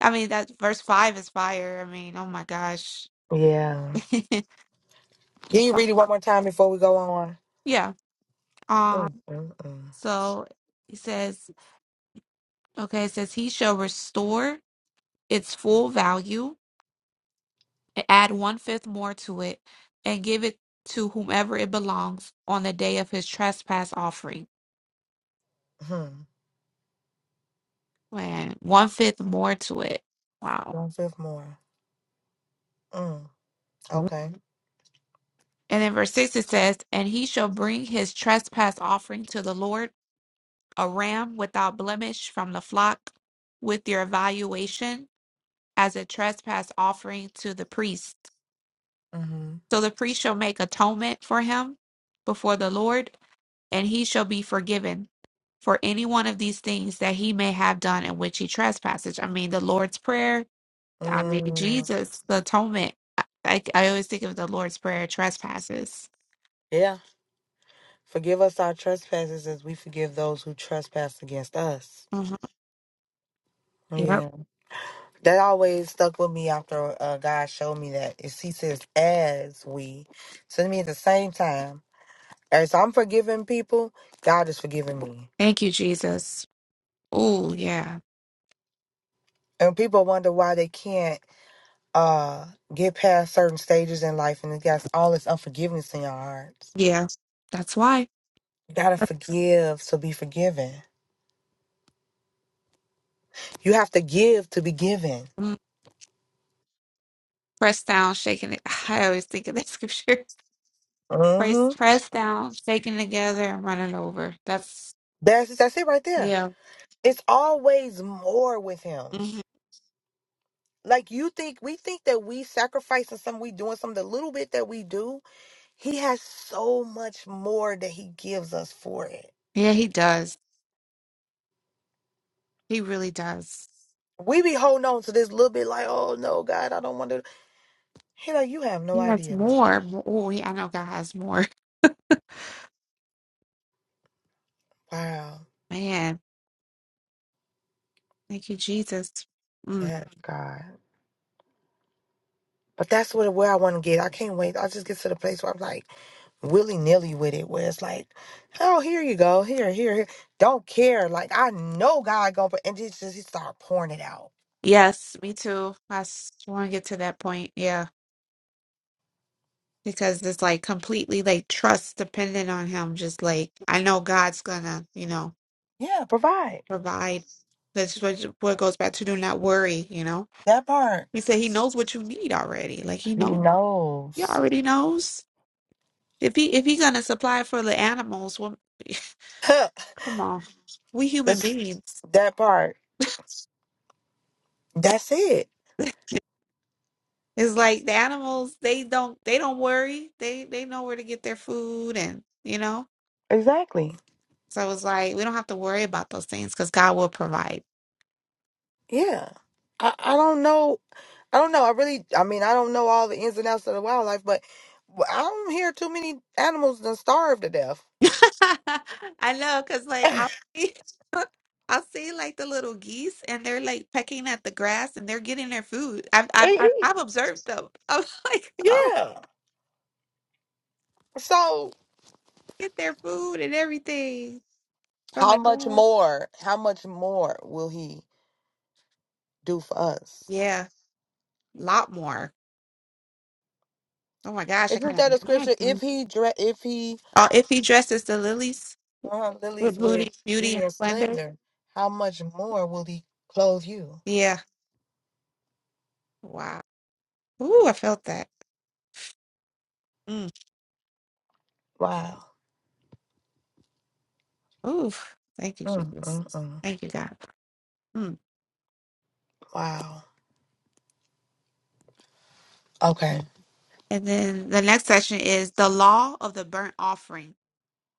Speaker 1: I mean that verse five is fire. I mean, oh my gosh,
Speaker 2: Yeah. Can you read it one more time before we go on?
Speaker 1: yeah. Um,
Speaker 2: Mm, mm, mm.
Speaker 1: so he says, okay, it says he shall restore its full value and add one fifth more to it, and give it to whomever it belongs on the day of his trespass offering
Speaker 2: Hmm.
Speaker 1: Man, one fifth more to it. Wow.
Speaker 2: One fifth more. Mm.
Speaker 1: Mhm.
Speaker 2: Okay.
Speaker 1: And in verse 6 it says, And he shall bring his trespass offering to the Lord, a ram without blemish from the flock, with your valuation as a trespass offering to the priest.
Speaker 2: Mm-hmm.
Speaker 1: So the priest shall make atonement for him before the Lord, and he shall be forgiven for any one of these things that he may have done in which he trespasses. I mean, the Lord's Prayer, I mean,
Speaker 2: Mm.
Speaker 1: Jesus, the atonement. I, I I always think of the Lord's Prayer, trespasses.
Speaker 2: Yeah. Forgive us our trespasses as we forgive those who trespass against us.
Speaker 1: Mhm. Yep.
Speaker 2: Yeah. That always stuck with me after uh, God showed me that. It he says, as we. So to me, at the same time. As I'm forgiving people, God is forgiving me.
Speaker 1: Thank you, Jesus. Oh, yeah.
Speaker 2: And people wonder why they can't uh get past certain stages in life and it all this unforgiveness in your hearts.
Speaker 1: Yeah. That's why.
Speaker 2: You gotta forgive to be forgiven. You have to give to be given.
Speaker 1: Mm. Press down, shaking it. I always think of that scripture. Press,
Speaker 2: Mm-hmm.
Speaker 1: press down, shaking together, and running over. That's,
Speaker 2: That's that's it right there.
Speaker 1: yeah.
Speaker 2: It's always more with him.
Speaker 1: Mhm.
Speaker 2: Like you think we think that we sacrificing something, we doing something, the little bit that we do, he has so much more that he gives us for it.
Speaker 1: Yeah, he does. He really does.
Speaker 2: We be holding on to this little bit like, oh no, God, I don't want to. He like, you have no
Speaker 1: He has
Speaker 2: idea.
Speaker 1: more. Oh, yeah, I know God has more.
Speaker 2: Wow.
Speaker 1: Man, thank you, Jesus. Mm.
Speaker 2: Yeah, God. But that's what where I want to get. I can't wait. I just get to the place where I'm like willy nilly with it, where it's like, oh, here you go, here, here, here. Don't care. Like I know God gonna, pro- and he just he start pouring it out.
Speaker 1: Yes, me too. I want to get to that point. Yeah. Because it's like completely like trust dependent on him. Just like I know God's gonna, you know,
Speaker 2: Yeah, provide
Speaker 1: provide. That's what what goes back to do not worry, you know.
Speaker 2: that part.
Speaker 1: He said he knows what you need already. Like he
Speaker 2: He
Speaker 1: know, he
Speaker 2: knows.
Speaker 1: already knows. If he if he gonna supply for the animals, well, come on. We human
Speaker 2: That's
Speaker 1: beings.
Speaker 2: that part. That's it.
Speaker 1: It's like the animals, they don't they don't worry. They they know where to get their food and you know.
Speaker 2: Exactly.
Speaker 1: So it was like, we don't have to worry about those things because God will provide.
Speaker 2: Yeah. I, I don't know. I don't know. I really, I mean, I don't know all the ins and outs of the wildlife, but I don't hear too many animals that starve to death.
Speaker 1: I know, because like I see, I see like the little geese and they're like pecking at the grass and they're getting their food. I've
Speaker 2: They
Speaker 1: I've I've,
Speaker 2: eat.
Speaker 1: I've observed them. I'm like, oh,
Speaker 2: Yeah. So
Speaker 1: get their food and everything. So I'm
Speaker 2: how
Speaker 1: like,
Speaker 2: much
Speaker 1: "Oh,
Speaker 2: more, how much more will he do for us?
Speaker 1: yeah, a lot more. Oh my gosh, I
Speaker 2: Isn't that
Speaker 1: can't
Speaker 2: a scripture?
Speaker 1: imagine.
Speaker 2: If he, dre- if he
Speaker 1: Oh, if he dresses the lilies
Speaker 2: uh, lilies
Speaker 1: with
Speaker 2: with
Speaker 1: beauty, beauty
Speaker 2: beauty
Speaker 1: and
Speaker 2: and
Speaker 1: splendor,
Speaker 2: splendor, how much more will he clothe you?
Speaker 1: yeah, wow. Ooh, I felt that. Mm.
Speaker 2: Wow.
Speaker 1: Oof. Thank you,
Speaker 2: Mm,
Speaker 1: Jesus.
Speaker 2: mm, mm.
Speaker 1: Thank you, God. Mm.
Speaker 2: Wow. Okay.
Speaker 1: And then the next section is the law of the burnt offering.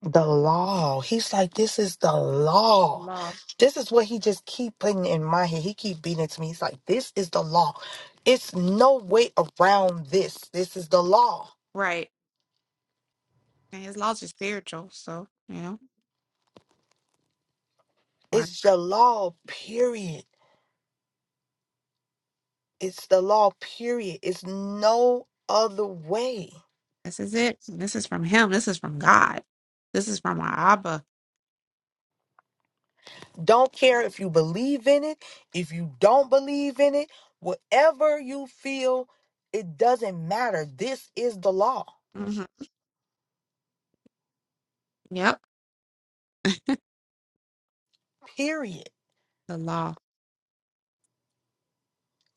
Speaker 2: the law. He's like, this is the law.
Speaker 1: Law.
Speaker 2: This is what he just keep putting in my head. He keep beating it to me. He's like, this is the law. It's no way around this. This is the law.
Speaker 1: Right. And his laws are spiritual. So, you know, why-
Speaker 2: It's the law, period. It's the law, period. It's no other way.
Speaker 1: this is it. This is from him. This is from God. This is from our Abba.
Speaker 2: Don't care if you believe in it, if you don't believe in it, whatever you feel, it doesn't matter. This is the law,
Speaker 1: hmm Yep.
Speaker 2: period.
Speaker 1: The law.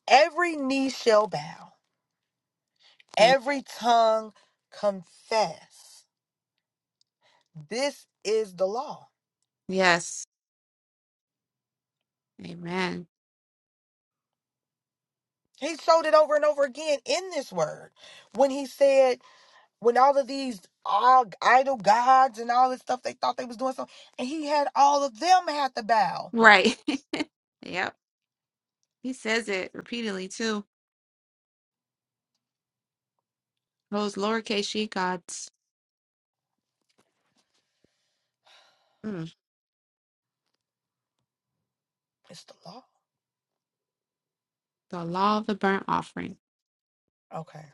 Speaker 2: Every knee shall bow
Speaker 1: Yep.
Speaker 2: every tongue confess. This is the law.
Speaker 1: Yes. Amen.
Speaker 2: He showed it over and over again in this word when he said, when all of these all idol gods and all this stuff, they thought they was doing something, and he had all of them had to bow.
Speaker 1: Right. yep. He says it repeatedly, too. Those lowercase she gods. Mm.
Speaker 2: It's the law.
Speaker 1: The law of the burnt offering.
Speaker 2: Okay.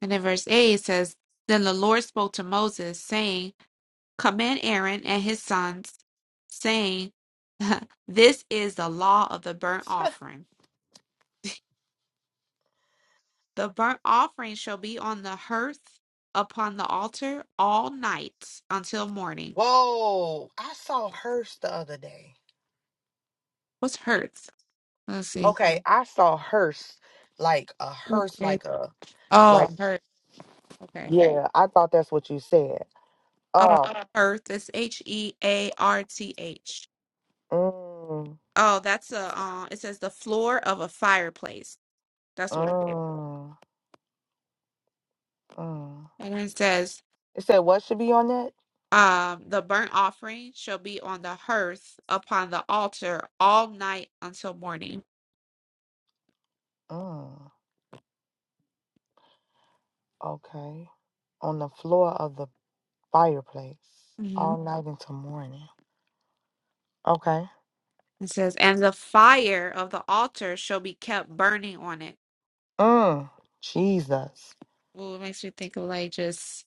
Speaker 1: And in verse 8 it says, Then the Lord spoke to Moses, saying, Command Aaron and his sons, saying, This is the law of the burnt offering. The burnt offering shall be on the hearth upon the altar all night until morning.
Speaker 2: Whoa! I saw a hearse the other day.
Speaker 1: What's hearth? Let's see.
Speaker 2: Okay, I saw hearse like a hearse,
Speaker 1: Okay.
Speaker 2: like a
Speaker 1: Oh,
Speaker 2: like.
Speaker 1: hearth. Okay.
Speaker 2: Yeah, I thought that's what you said.
Speaker 1: Oh,
Speaker 2: Oh,
Speaker 1: hearth. It's H E A R T H.
Speaker 2: mm,
Speaker 1: Oh, that's a. Uh, it says the floor of a fireplace. That's what it is.
Speaker 2: mm. Mm.
Speaker 1: And it says
Speaker 2: It said what should be on that?
Speaker 1: Um, the burnt offering shall be on the hearth upon the altar all night until morning.
Speaker 2: Mm. Okay. On the floor of the fireplace
Speaker 1: Mhm.
Speaker 2: all night into morning. Okay.
Speaker 1: It says, and the fire of the altar shall be kept burning on it.
Speaker 2: Mm. Jesus.
Speaker 1: Well, it makes me think of like just,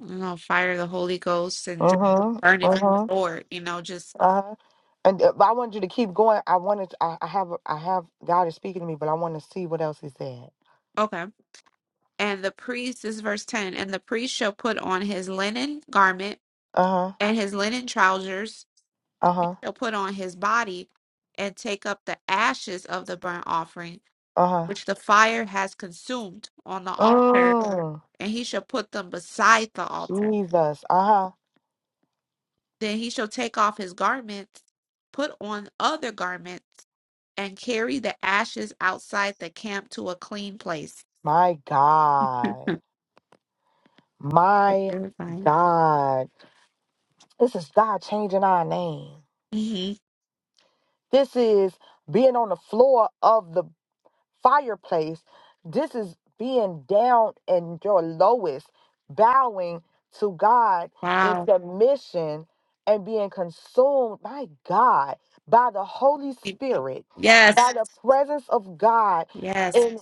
Speaker 1: you know, fire of the Holy Ghost and just
Speaker 2: Mm-hmm.
Speaker 1: burning for the
Speaker 2: Mm-hmm.
Speaker 1: Lord, you know, just,
Speaker 2: Uh-huh. And uh, but I wanted you to keep going. I wanted I, I have I have God is speaking to me, but I want to see what else he said.
Speaker 1: okay. And the priest, this is verse 10, and the priest shall put on his linen garment
Speaker 2: Uh-huh.
Speaker 1: and his linen trousers,
Speaker 2: Uh-huh.
Speaker 1: shall put on his body and take up the ashes of the burnt offering
Speaker 2: Uh-huh.
Speaker 1: which the fire has consumed on the altar,
Speaker 2: Mm.
Speaker 1: and he shall put them beside the altar.
Speaker 2: Jesus. Uh-huh.
Speaker 1: Then he shall take off his garments, put on other garments, and carry the ashes outside the camp to a clean place.
Speaker 2: My God.
Speaker 1: That's
Speaker 2: My
Speaker 1: terrifying.
Speaker 2: God. This is God changing our name.
Speaker 1: hmm
Speaker 2: This is being on the floor of the fireplace. This is being down in your lowest, bowing to God in
Speaker 1: Wow.
Speaker 2: submission and being consumed by God, by the Holy Spirit,
Speaker 1: Yes.
Speaker 2: by the Yes. presence of God
Speaker 1: Yes.
Speaker 2: in,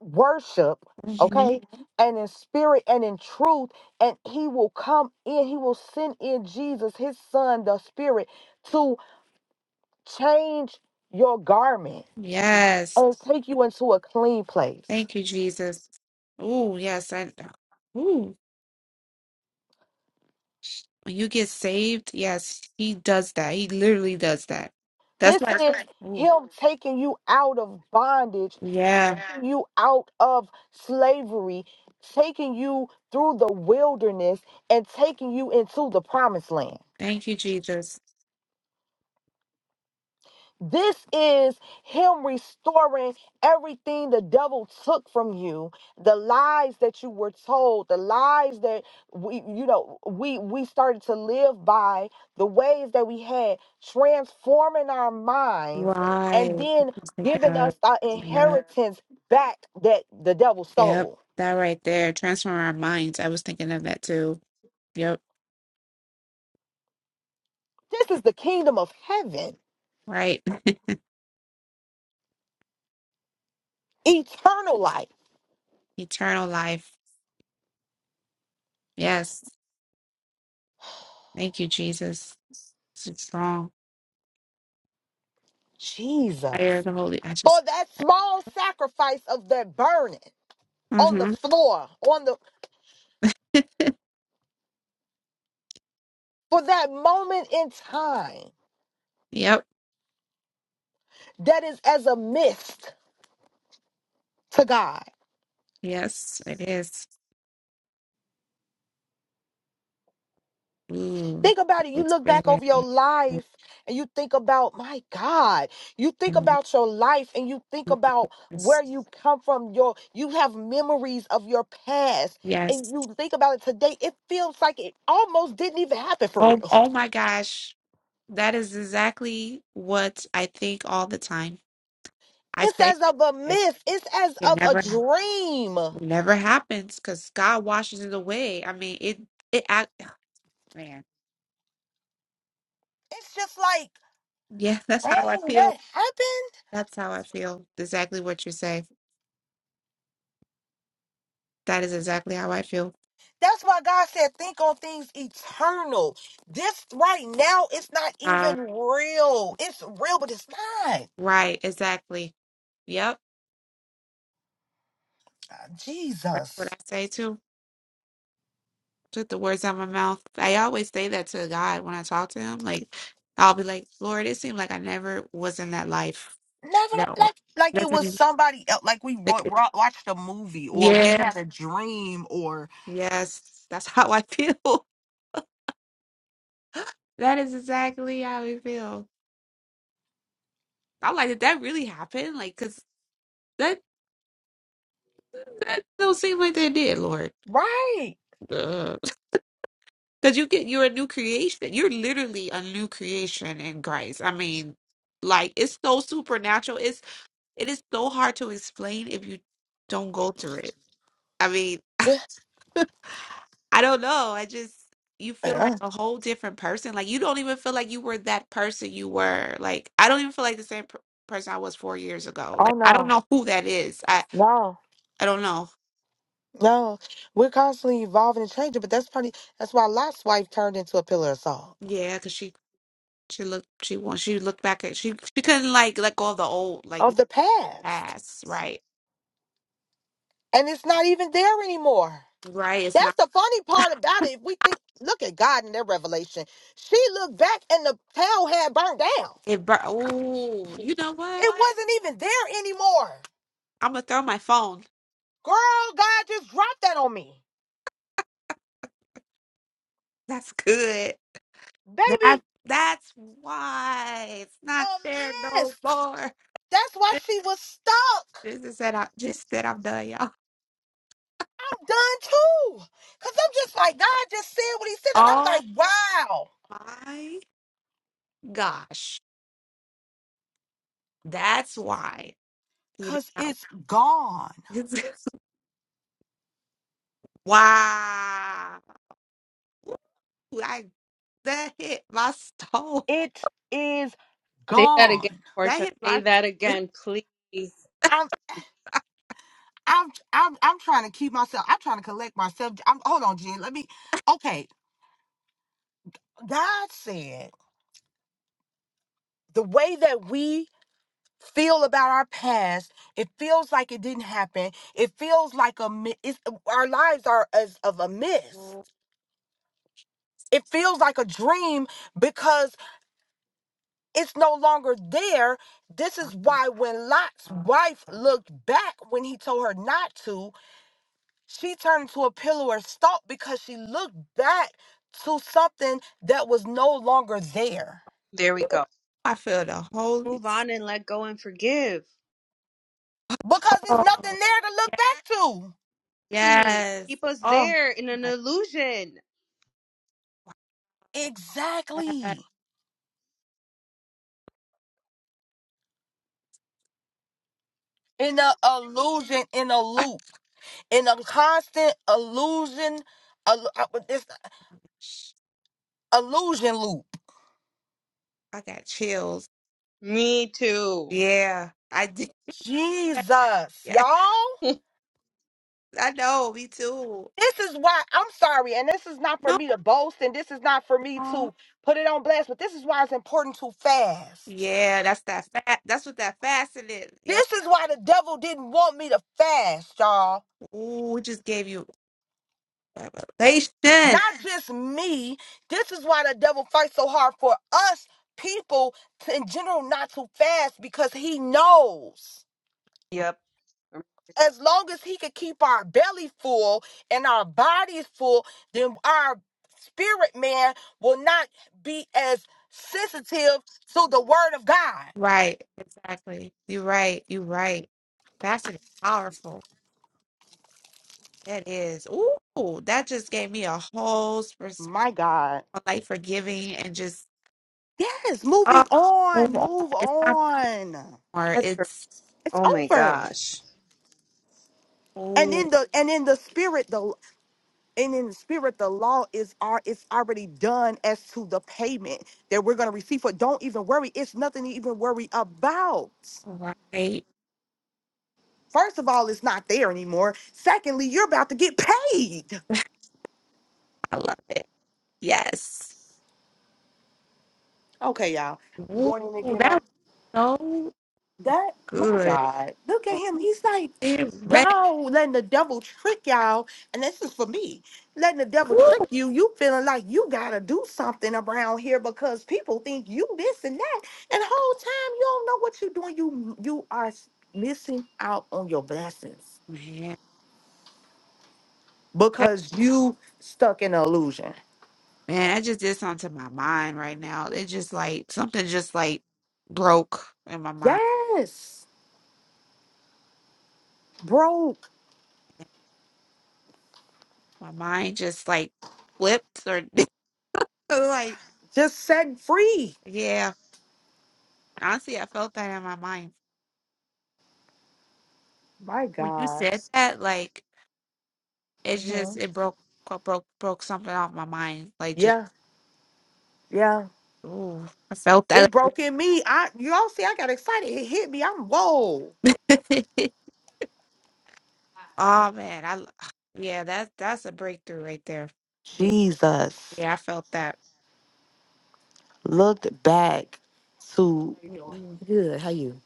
Speaker 2: worship,
Speaker 1: hmm
Speaker 2: okay, and in spirit and in truth, and he will come in, he will send in Jesus, his son, the spirit, to change your garment
Speaker 1: Yes.
Speaker 2: and take you into a clean place.
Speaker 1: Thank you, Jesus. Oh, yes. I, ooh, when you get saved, yes, he does that. He literally does that. That's
Speaker 2: This
Speaker 1: like,
Speaker 2: That's is right.
Speaker 1: ooh.
Speaker 2: him taking you out of bondage,
Speaker 1: Yeah.
Speaker 2: taking you out of slavery, taking you through the wilderness, and taking you into the promised land.
Speaker 1: Thank you, Jesus.
Speaker 2: This is him restoring everything the devil took from you, the lies that you were told, the lies that we you know we we started to live by, the ways that we had transforming our minds
Speaker 1: Right.
Speaker 2: and
Speaker 1: I
Speaker 2: then
Speaker 1: was thinking
Speaker 2: giving
Speaker 1: of,
Speaker 2: us our
Speaker 1: you know,
Speaker 2: inheritance back that the devil
Speaker 1: yep.
Speaker 2: stole.
Speaker 1: That right there. Transform our minds. I was thinking of that too. Yep.
Speaker 2: This is the kingdom of heaven,
Speaker 1: Right.
Speaker 2: eternal life.
Speaker 1: Eternal life. Yes. Thank you, Jesus. It's a strong fire of
Speaker 2: Jesus.
Speaker 1: the Holy. I
Speaker 2: For
Speaker 1: just,
Speaker 2: that small sacrifice of that burning. on the
Speaker 1: hmm
Speaker 2: floor on the for that moment in time
Speaker 1: yep.
Speaker 2: that is as a mist to god
Speaker 1: Yes, it is. Ooh.
Speaker 2: think about it
Speaker 1: Holy
Speaker 2: you look back
Speaker 1: Spirit.
Speaker 2: over your life and you think about my god you think
Speaker 1: And
Speaker 2: about your life and you think about
Speaker 1: Yes.
Speaker 2: where you come from your you have memories of your past and
Speaker 1: Yes.
Speaker 2: you think about it today it feels like it almost didn't even happen for
Speaker 1: Oh,
Speaker 2: real
Speaker 1: oh my gosh. That is exactly what I think all the time. I
Speaker 2: it's
Speaker 1: say
Speaker 2: as of a
Speaker 1: it,
Speaker 2: myth it's as
Speaker 1: it
Speaker 2: of a
Speaker 1: never it
Speaker 2: dream
Speaker 1: never happens because God washes it away. I mean, it it act oh, man.
Speaker 2: it's just like
Speaker 1: Yeah, that's how I
Speaker 2: dang
Speaker 1: feel.
Speaker 2: that happened
Speaker 1: That's how I feel. Exactly what you say. That is exactly how I feel.
Speaker 2: That's why God said, think on things eternal. This right now, it's not
Speaker 1: Um,
Speaker 2: even real. It's real, but it's not.
Speaker 1: right, exactly. Yep,
Speaker 2: Ah,
Speaker 1: that's what I
Speaker 2: Jesus.
Speaker 1: say too. Took the words out of my mouth. I always say that to God when I talk to Him. Like, I'll be like, Lord, it seemed like I never was in that life.
Speaker 2: Never
Speaker 1: No,
Speaker 2: like like it
Speaker 1: that's what
Speaker 2: was
Speaker 1: it-
Speaker 2: somebody else. Like we
Speaker 1: like,
Speaker 2: ro- ro- watched a movie or we
Speaker 1: yeah,
Speaker 2: had a dream or
Speaker 1: yes, that's how I feel. That is exactly how we feel. I'm like, did that really happen? Like, cause that that don't seem like that did, Lord.
Speaker 2: right.
Speaker 1: Uh, Cause you get you're a new creation. You're literally a new creation in Christ. I mean, like it's so supernatural. It's it is so hard to explain if you don't go through it. I mean,
Speaker 2: Yeah.
Speaker 1: I don't know. I just you feel like
Speaker 2: Uh,
Speaker 1: a whole different person. Like you don't even feel like you were that person you were. Like I don't even feel like the same per- person I was four years ago.
Speaker 2: Oh
Speaker 1: Like I don't
Speaker 2: no,
Speaker 1: know who that is. I.
Speaker 2: no,
Speaker 1: I don't know.
Speaker 2: no. We're constantly evolving and changing, but that's funny. That's why Lot's wife turned into a pillar of salt
Speaker 1: Yeah, because she she looked she wants she looked back at she she couldn't like let go of the old like
Speaker 2: of the past,
Speaker 1: past. Right,
Speaker 2: and it's not even there anymore.
Speaker 1: right. It's
Speaker 2: That's
Speaker 1: not
Speaker 2: the funny part about it. If we think, look at God in their revelation. She looked back and the hell had burned down.
Speaker 1: it. Bur- oh, you know what?
Speaker 2: It wasn't even there anymore.
Speaker 1: I'm gonna throw my phone.
Speaker 2: Girl, God just dropped that on me.
Speaker 1: That's good. That
Speaker 2: Baby,
Speaker 1: that's why it's not there
Speaker 2: a
Speaker 1: no
Speaker 2: mist.
Speaker 1: more.
Speaker 2: That's why she was stuck.
Speaker 1: This is said I just said I'm done, y'all.
Speaker 2: I'm done too. Because I'm just like, God just said what he said. And I'm
Speaker 1: Oh
Speaker 2: like, wow.
Speaker 1: my gosh, that's why. You
Speaker 2: Because it's
Speaker 1: know,
Speaker 2: gone.
Speaker 1: wow. Ooh, I That hit my soul.
Speaker 2: It is
Speaker 4: Say that again,
Speaker 2: gone.
Speaker 1: That
Speaker 4: Portia.
Speaker 1: hit
Speaker 4: Say
Speaker 1: my
Speaker 4: that again, please.
Speaker 2: I'm I'm I'm trying to keep myself. I'm trying to collect myself. I'm hold on, Jen. Let me. Okay, God said the way that we feel about our past, it feels like it didn't happen. It feels like a mi- it's, our lives are as of a mist.
Speaker 1: soul.
Speaker 2: It feels like a dream because it's no longer there. This is why when Lot's wife looked back when he told her not to, She turned to a pillow or stalk because she looked back to something that was no longer there.
Speaker 4: There we go.
Speaker 1: I feel the Holy
Speaker 4: Move on and let go and forgive.
Speaker 2: Because there's
Speaker 1: Spirit.
Speaker 2: nothing there to look back to.
Speaker 4: I mean,
Speaker 1: Yes.
Speaker 4: keep us
Speaker 1: Oh
Speaker 4: there in an
Speaker 1: my
Speaker 4: illusion.
Speaker 1: gosh.
Speaker 2: Exactly. In a illusion, in a loop, in a constant illusion, illu- uh, this illusion loop.
Speaker 1: I got chills.
Speaker 4: Me too.
Speaker 1: Yeah, I did.
Speaker 2: Jesus,
Speaker 1: Yes,
Speaker 2: y'all.
Speaker 1: I know. Me too.
Speaker 2: This is why I'm sorry, and this is not for
Speaker 1: No.
Speaker 2: me to boast, and this is not for me to put it on blast, but this is why it's important to fast.
Speaker 1: Yeah, that's that fat. That's what that fasting is. Yep.
Speaker 2: This is why the devil didn't want me to fast, y'all.
Speaker 1: Ooh, it just gave you revelation.
Speaker 2: Not just me. This is why the devil fights so hard for us people in general not to fast because he knows.
Speaker 4: Yep.
Speaker 2: As long as he can keep our belly full and our bodies full, then our spirit man will not be as sensitive to the word of God.
Speaker 1: Right. Exactly. You're right. You're right. Fasting is powerful. That is. Ooh, that just gave me a whole pers-
Speaker 2: My God.
Speaker 1: like forgiving and just
Speaker 2: Yes,
Speaker 1: oh,
Speaker 2: moving on,
Speaker 1: move on.
Speaker 2: move
Speaker 1: It's not
Speaker 2: on.
Speaker 1: more.
Speaker 4: That's her.
Speaker 1: It's
Speaker 2: It's
Speaker 4: Oh my
Speaker 2: over.
Speaker 4: gosh.
Speaker 2: And
Speaker 1: oh,
Speaker 2: in the and in the spirit, the and in the spirit, the law is our. it's already done as to the payment that we're gonna receive for. Don't even worry, it's nothing to even worry about.
Speaker 1: right.
Speaker 2: First of all, it's not there anymore. Secondly, you're about to get paid.
Speaker 1: I love it. Yes.
Speaker 2: Okay, y'all. I'm
Speaker 1: Ooh,
Speaker 2: Going in and get
Speaker 1: that
Speaker 2: my.
Speaker 1: was so
Speaker 2: That my
Speaker 1: good.
Speaker 2: God, look at
Speaker 1: Oh,
Speaker 2: him. He's like,
Speaker 1: it
Speaker 2: y'all letting the devil trick y'all, and this is for me. Letting the devil
Speaker 1: Ooh,
Speaker 2: trick you. You feeling like you gotta do something around here because people think you this and that, and the whole time you don't know what you're doing. You you are s- missing out on your blessings
Speaker 1: man. That,
Speaker 2: because you stuck in an illusion.
Speaker 1: man, I just did something to my mind right now. It just like something just like broke in my mind.
Speaker 2: Yes, broke,
Speaker 1: My mind just like flipped or like
Speaker 2: just set free.
Speaker 1: yeah. Honestly, I felt that in my mind.
Speaker 2: My
Speaker 1: When you
Speaker 2: God.
Speaker 1: said that, like it just
Speaker 2: Mhm.
Speaker 1: it broke broke broke something off my mind. Like just
Speaker 2: Yeah, yeah.
Speaker 1: ooh, I felt
Speaker 2: It
Speaker 1: that.
Speaker 2: broke in me. I y'all see, I got excited. It hit me. I'm whoa.
Speaker 1: oh man, I l- yeah, that's that's a breakthrough right there. Yeah,
Speaker 2: Jesus
Speaker 1: yeah, I felt that.
Speaker 2: looked back to
Speaker 1: Mm-mm.
Speaker 2: good. How you?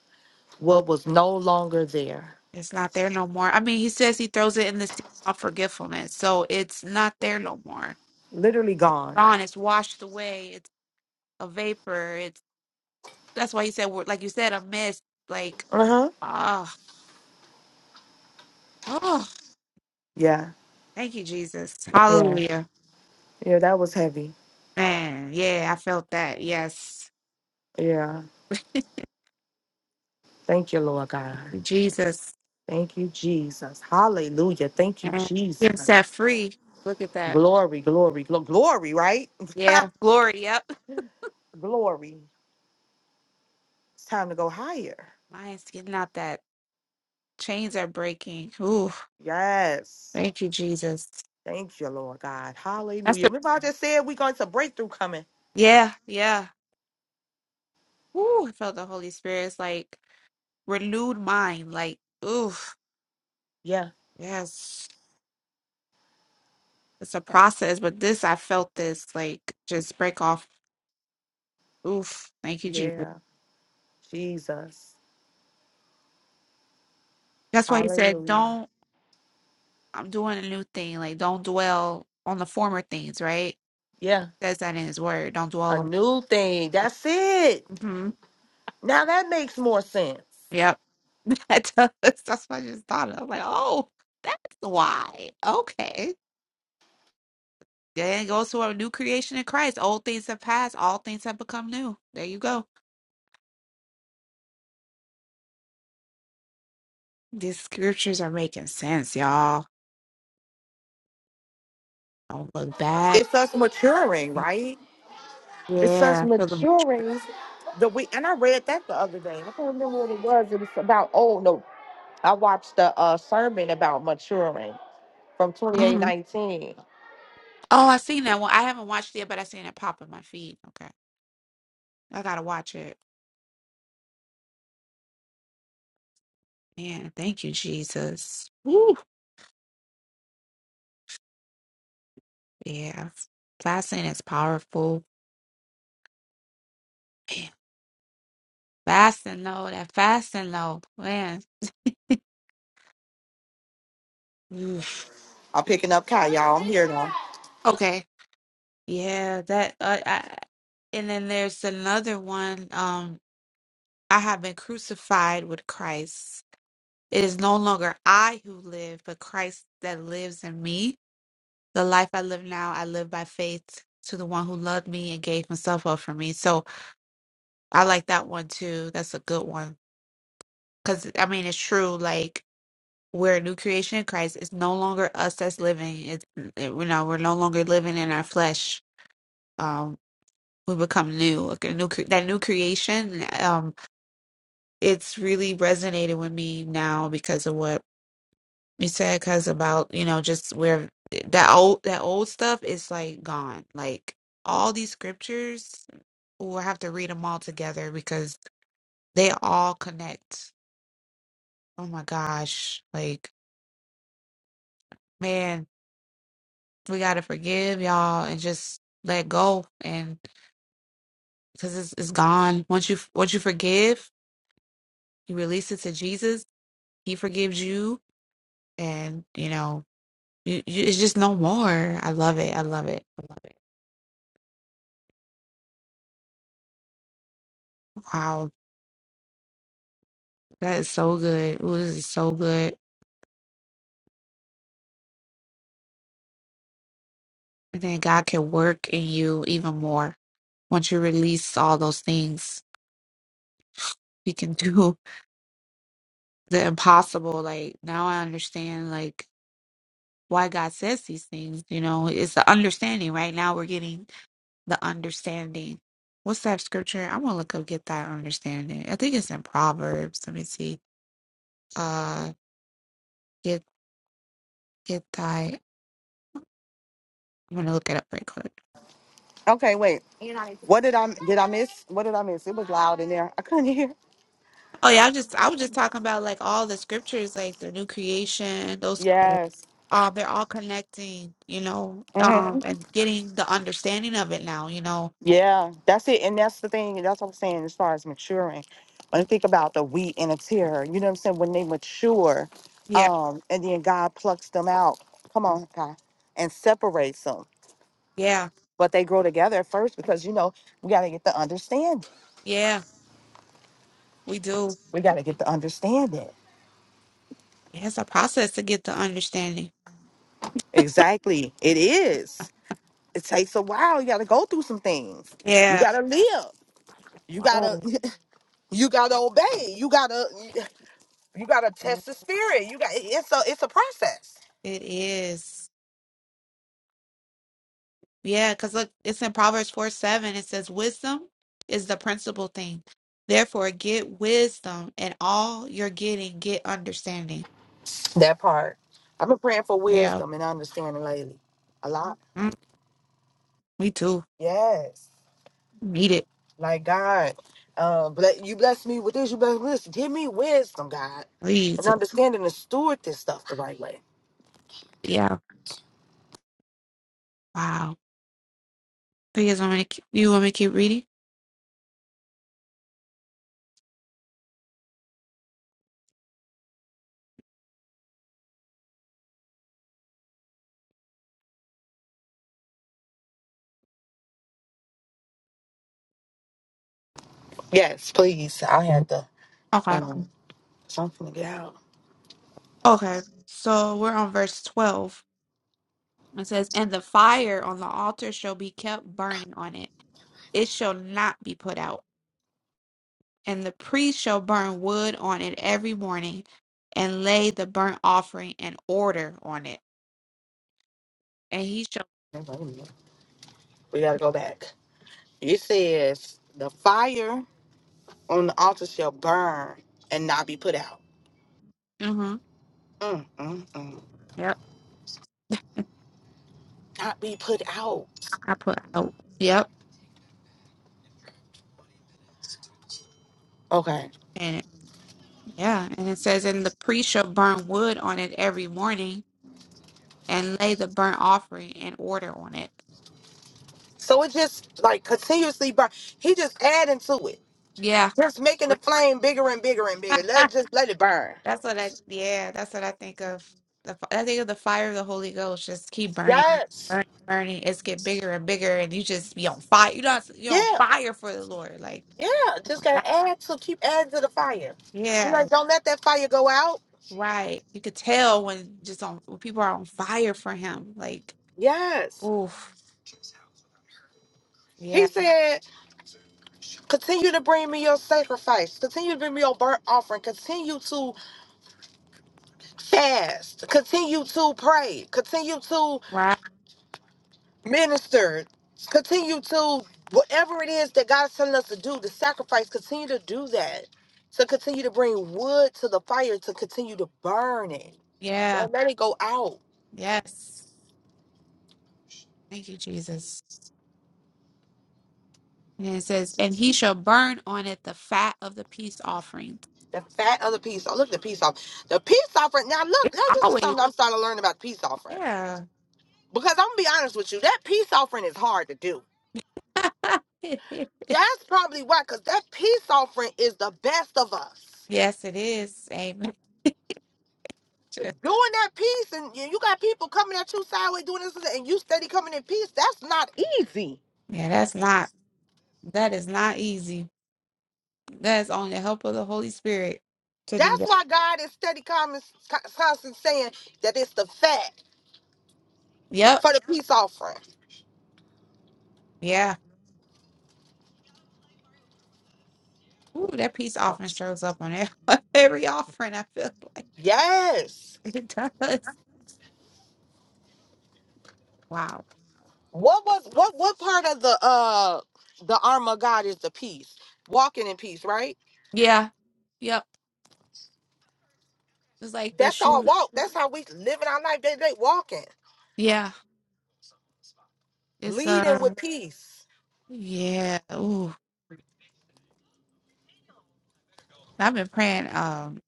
Speaker 1: Nope,
Speaker 2: What was no longer there.
Speaker 1: it's not there no more. I mean, he says he throws it in the sea of forgetfulness, so it's not there no more.
Speaker 2: Literally gone.
Speaker 1: Gone. It's washed away. It's a vapor. It's that's why you said, we're- like you said, a mist. Like
Speaker 2: Uh-huh.
Speaker 1: ah.
Speaker 2: Yeah.
Speaker 1: Thank you, Jesus.
Speaker 2: Yeah.
Speaker 1: Hallelujah.
Speaker 2: Yeah. That was heavy.
Speaker 1: Man, yeah, I felt that. Yes.
Speaker 2: Yeah. Thank you, Lord God.
Speaker 1: Jesus.
Speaker 2: Thank you, Jesus. Hallelujah. Thank you,
Speaker 1: Man. You're
Speaker 2: Jesus.
Speaker 1: set free. Look at that.
Speaker 2: Glory, glory, glo- glory, right?
Speaker 1: Yeah. Glory. Yep.
Speaker 2: glory. It's time to go higher.
Speaker 1: Lions getting out that. Chains are breaking. Ooh.
Speaker 2: Yes.
Speaker 1: Thank you, Jesus.
Speaker 2: Thank you, Lord God.
Speaker 1: That's
Speaker 2: Hallelujah.
Speaker 1: the
Speaker 2: Remember, I just said we got some breakthrough coming.
Speaker 1: Yeah, yeah. Ooh, I felt the Holy Spirit's like renewed mind. Like, ooh,
Speaker 2: Yeah.
Speaker 1: yes. It's a process, but this I felt this like just break off. Oof. Thank you, Jesus.
Speaker 2: Yeah. Jesus.
Speaker 1: That's why he said,
Speaker 2: Hallelujah.
Speaker 1: Don't I'm doing a new thing. Like, don't dwell on the former things, right? It
Speaker 2: Yeah.
Speaker 1: says that in his word. Don't
Speaker 2: A
Speaker 1: dwell
Speaker 2: new thing.
Speaker 1: on.
Speaker 2: That's it.
Speaker 1: hmm
Speaker 2: Now that makes more sense.
Speaker 1: Yep. That does. That's what I just thought of. Like, oh, that's why. Okay. Then it goes to a new creation in Christ. Old things have passed. All things have become new. There you go. These scriptures are making sense, y'all. Don't look back.
Speaker 2: It's us maturing, right? It's us
Speaker 1: Yeah. Feel the
Speaker 2: maturing. The we and I read that the other day. I can't remember what it was. It was about oh no. I watched a, uh sermon about maturing from
Speaker 1: Mhm.
Speaker 2: 2819.
Speaker 1: Oh, I seen that one. I haven't watched it, but I seen it pop in my feed. Okay. I gotta watch it. Man, thank you, Jesus. Woo. Yeah. Fasting is powerful. Man, fasting though, that fasting though. Man. Oof.
Speaker 2: I'm picking up Kyle, y'all. I'm here now.
Speaker 1: Okay. Yeah, that uh, I, and then there's another one. Um, I have been crucified with Christ. It is no longer I who live, but Christ that lives in me. The life I live now, I live by faith to the one who loved me and gave himself up for me. So I like that one too. That's a good one. Because, I mean, it's true. Like, we're a new creation in Christ. It's no longer us that's living. It's, it- you know, we're no longer living in our flesh. Um, we become new. Like a new cre- that new creation, um, it's really resonated with me now because of what you said, because about, you know, just where eh, that old, that old stuff is like gone. Like, all these scriptures, we'll have to read them all together because they all connect. Oh my gosh. Like, man. we gotta forgive y'all and just let go and because it's, it's gone once you once you forgive you release it to jesus he forgives you and you know you, you, it's just no more i love it i love it i love it wow that is so good Ooh, this is so good and then god can work in you even more once you release all those things he can do the impossible like now i understand like why God says these things. You know, it's the understanding. Right now, we're getting the understanding. What's that scripture? I want to look up get thy understanding. I think it's in Proverbs. Let me see. Uh, get get thy. I'm gonna look it up right quick.
Speaker 2: Okay, wait. What did I did I miss? What did I miss? It was loud in there. I couldn't hear.
Speaker 1: Oh yeah, I just I was just talking about like all the scriptures, like the new creation. Those,
Speaker 2: Yes.
Speaker 1: uh, they're all connecting. You know, um,
Speaker 2: hmm
Speaker 1: and getting the understanding of it now. You know.
Speaker 2: Yeah, that's it. And that's the thing. That's what I'm saying as far as maturing. When you think about the wheat and a tear, you know what I'm saying? When they mature,
Speaker 1: Yeah.
Speaker 2: um, and then God plucks them out. Come on, God, and separates them.
Speaker 1: Yeah.
Speaker 2: But they grow together at first because you know we gotta get the understanding.
Speaker 1: Yeah. We do.
Speaker 2: We gotta get the understanding.
Speaker 1: It's a process to get the understanding.
Speaker 2: Exactly. It is. It takes a while. You gotta go through some things.
Speaker 1: Yeah.
Speaker 2: You gotta live. you gotta
Speaker 1: Oh,
Speaker 2: you gotta obey you gotta you gotta test the spirit you got it's a it's a process
Speaker 1: it is. Yeah, because look, it's in Proverbs 4 7. It says, Wisdom is the principal thing. Therefore, get wisdom, and all you're getting, get understanding.
Speaker 2: that part i've been praying for
Speaker 1: Yeah,
Speaker 2: wisdom and understanding lately a lot
Speaker 1: mm, me too.
Speaker 2: yes
Speaker 1: Need it.
Speaker 2: like god um ble- you bless me with this you bless me with this give me wisdom god and
Speaker 1: Please.
Speaker 2: understanding to steward this stuff the right way
Speaker 1: Yeah. Wow. So, You guys want me to keep, you want me to keep reading?
Speaker 2: yes please i had to
Speaker 1: Okay.
Speaker 2: um something to get out
Speaker 1: Okay. So we're on verse 12. It says, And the fire on the altar shall be kept burning on it, it shall not be put out. And the priest shall burn wood on it every morning and lay the burnt offering in order on it. And he shall,
Speaker 2: Wait a minute. we gotta go back it says the fire on the altar shall burn and not be put out.
Speaker 1: hmm
Speaker 2: Mm, mm, mm.
Speaker 1: yep,
Speaker 2: Not be put out.
Speaker 1: I put out, yep.
Speaker 2: Okay.
Speaker 1: And it- yeah, and it says, and the priest shall burn wood on it every morning and lay the burnt offering in order on it.
Speaker 2: So it just like continuously burn. He just adding to it.
Speaker 1: Yeah.
Speaker 2: Just making the flame bigger and bigger and bigger.
Speaker 1: that's
Speaker 2: Let's just let it burn.
Speaker 1: what I, yeah, that's what I think of. The, fi- I think of the fire of the Holy Ghost. Just keep burning,
Speaker 2: Yes.
Speaker 1: burning, burning. It's get bigger and bigger, and you just be on fire. You know, you're on
Speaker 2: Yeah.
Speaker 1: fire for the Lord. Like,
Speaker 2: Yeah.
Speaker 1: my
Speaker 2: Just
Speaker 1: God.
Speaker 2: gotta add to keep adding to the fire. You
Speaker 1: Yeah,
Speaker 2: like, don't let that fire go out.
Speaker 1: right. You could tell when just on when people are on fire for him. Like,
Speaker 2: Yes.
Speaker 1: oof. Yeah,
Speaker 2: He said, continue to bring me your sacrifice. Continue to bring me your burnt offering. Continue to fast. Continue to pray. Continue to
Speaker 1: right.
Speaker 2: minister, continue to whatever it is that God is telling us to do, the sacrifice, continue to do that. To continue to bring wood to the fire, to continue to burn it.
Speaker 1: Yeah,
Speaker 2: Don't let it go out.
Speaker 1: yes. Thank you, Jesus. And it says, and he shall burn on it the fat of the peace offering.
Speaker 2: The fat of the peace. Oh, look at the peace offering. The peace offering. Now look,
Speaker 1: It's
Speaker 2: now this is
Speaker 1: always,
Speaker 2: something I'm starting to learn about the peace offering.
Speaker 1: yeah.
Speaker 2: Because I'm gonna be honest with you, that peace offering is hard to do. That's probably why, because that peace offering is the best of us.
Speaker 1: Yes, it is. Amen.
Speaker 2: doing that piece and you you got people coming at you sideways doing this and you steady coming in peace, that's not easy.
Speaker 1: Yeah, that's not that is not easy. That is on the help of the Holy Spirit to do
Speaker 2: That's
Speaker 1: that.
Speaker 2: why God is steady coming, constant saying that it's the fat
Speaker 1: Yep.
Speaker 2: for the peace offering.
Speaker 1: Yeah. Ooh, that peace offering shows up on every, every offering. I feel like
Speaker 2: Yes.
Speaker 1: it does. Wow.
Speaker 2: What was what what part of the uh the armor of God is the peace? Walking in peace, right?
Speaker 1: Yeah. Yep. It's like the
Speaker 2: That's our
Speaker 1: shoot.
Speaker 2: walk. That's how we living our life day to day, walking,
Speaker 1: Yeah. It's
Speaker 2: leading
Speaker 1: uh.
Speaker 2: with peace.
Speaker 1: Yeah. Ooh. I've been praying. Um.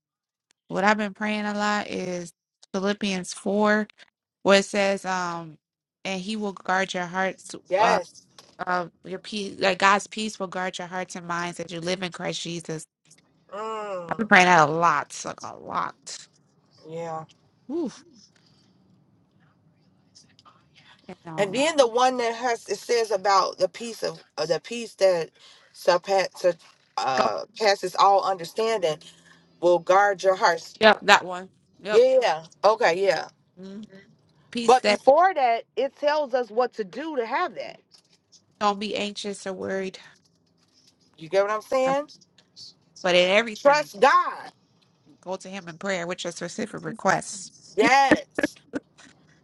Speaker 1: What I've been praying a lot is Philippians four, where it says, um, and He will guard your hearts. Uh.
Speaker 2: Yes.
Speaker 1: Uh, your peace, like God's peace, will guard your hearts and minds that you live in Christ Jesus. I've been
Speaker 2: Mm,
Speaker 1: praying that a lot, like a lot.
Speaker 2: yeah.
Speaker 1: Ooh, and
Speaker 2: And
Speaker 1: um,
Speaker 2: then the one that has it says about the peace of uh, the peace that surpasses uh, passes all understanding will guard your hearts.
Speaker 1: Yep, that one. Yep.
Speaker 2: Yeah. Okay. Yeah.
Speaker 1: Mm. Peace
Speaker 2: But
Speaker 1: that
Speaker 2: before that, it tells us what to do to have that.
Speaker 1: don't be anxious or worried,
Speaker 2: You get what I'm
Speaker 1: um,
Speaker 2: saying?
Speaker 1: but in everything,
Speaker 2: Trust God.
Speaker 1: go to Him in prayer with your specific requests.
Speaker 2: Yes.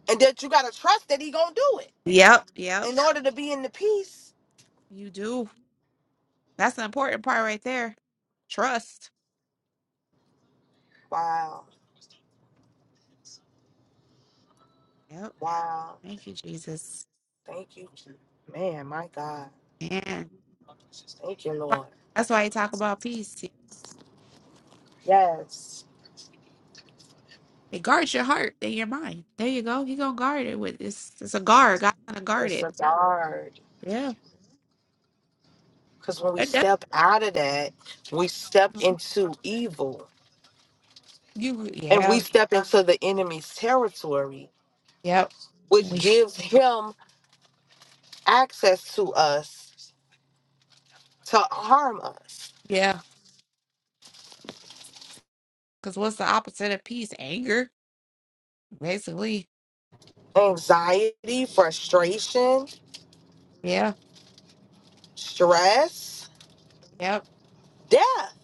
Speaker 2: And that you gotta trust that He gonna do it
Speaker 1: Yep, yep.
Speaker 2: in order to be in the peace.
Speaker 1: You do. That's an important part right there. Trust.
Speaker 2: Wow.
Speaker 1: Yep.
Speaker 2: Wow.
Speaker 1: Thank you, Jesus.
Speaker 2: Thank you, Jesus. man. My God.
Speaker 1: Man.
Speaker 2: Thank you, Lord.
Speaker 1: That's why you talk about peace. yeah.
Speaker 2: Yes.
Speaker 1: It guards your heart and your mind. There you go. He gonna guard it with this. It's a guard. God's gonna guard
Speaker 2: It's
Speaker 1: it.
Speaker 2: so hard.
Speaker 1: Yeah.
Speaker 2: Because when we
Speaker 1: It def-
Speaker 2: step out of that, we step into evil
Speaker 1: you.
Speaker 2: and we
Speaker 1: Yeah.
Speaker 2: step into the enemy's territory,
Speaker 1: Yep.
Speaker 2: which
Speaker 1: We.
Speaker 2: gives him access to us to harm us.
Speaker 1: Yeah. Because what's the opposite of peace? Anger. basically.
Speaker 2: Anxiety, frustration,
Speaker 1: Yeah,
Speaker 2: stress,
Speaker 1: yep,
Speaker 2: death.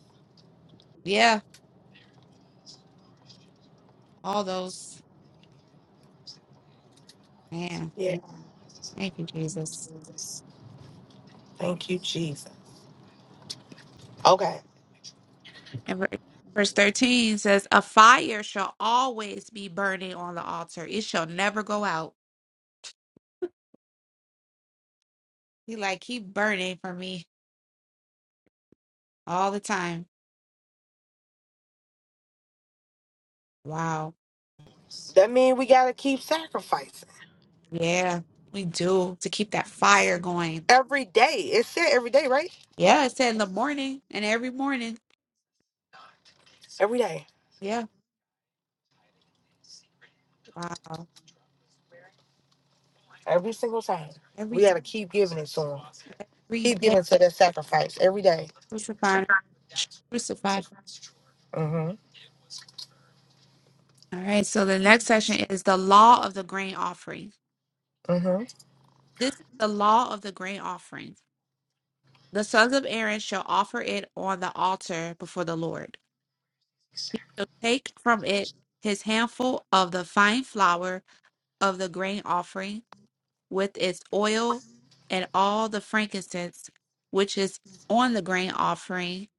Speaker 1: yeah. All those. Man,
Speaker 2: Yeah.
Speaker 1: thank you, Jesus.
Speaker 2: Thank you, Jesus. Okay.
Speaker 1: And ver- verse 13 says, A fire shall always be burning on the altar, it shall never go out. He like keep burning for me all the time. Wow.
Speaker 2: That means we got to keep sacrificing
Speaker 1: Yeah, we do to keep that fire going.
Speaker 2: every day. It said every day, right?
Speaker 1: Yeah, it said in the morning and every morning.
Speaker 2: Every day,
Speaker 1: Yeah. Wow.
Speaker 2: every single time.
Speaker 1: Every
Speaker 2: We got
Speaker 1: day,
Speaker 2: to keep giving it to him.
Speaker 1: every
Speaker 2: Keep
Speaker 1: day
Speaker 2: giving to that sacrifice every day.
Speaker 1: crucified. Crucified.
Speaker 2: Mhm.
Speaker 1: All right. So the next section is the law of the grain offering.
Speaker 2: Mm-hmm.
Speaker 1: This is the law of the grain offering. The sons of Aaron shall offer it on the altar before the Lord. He shall take from it his handful of the fine flour of the grain offering with its oil and all the frankincense which is on the grain offering,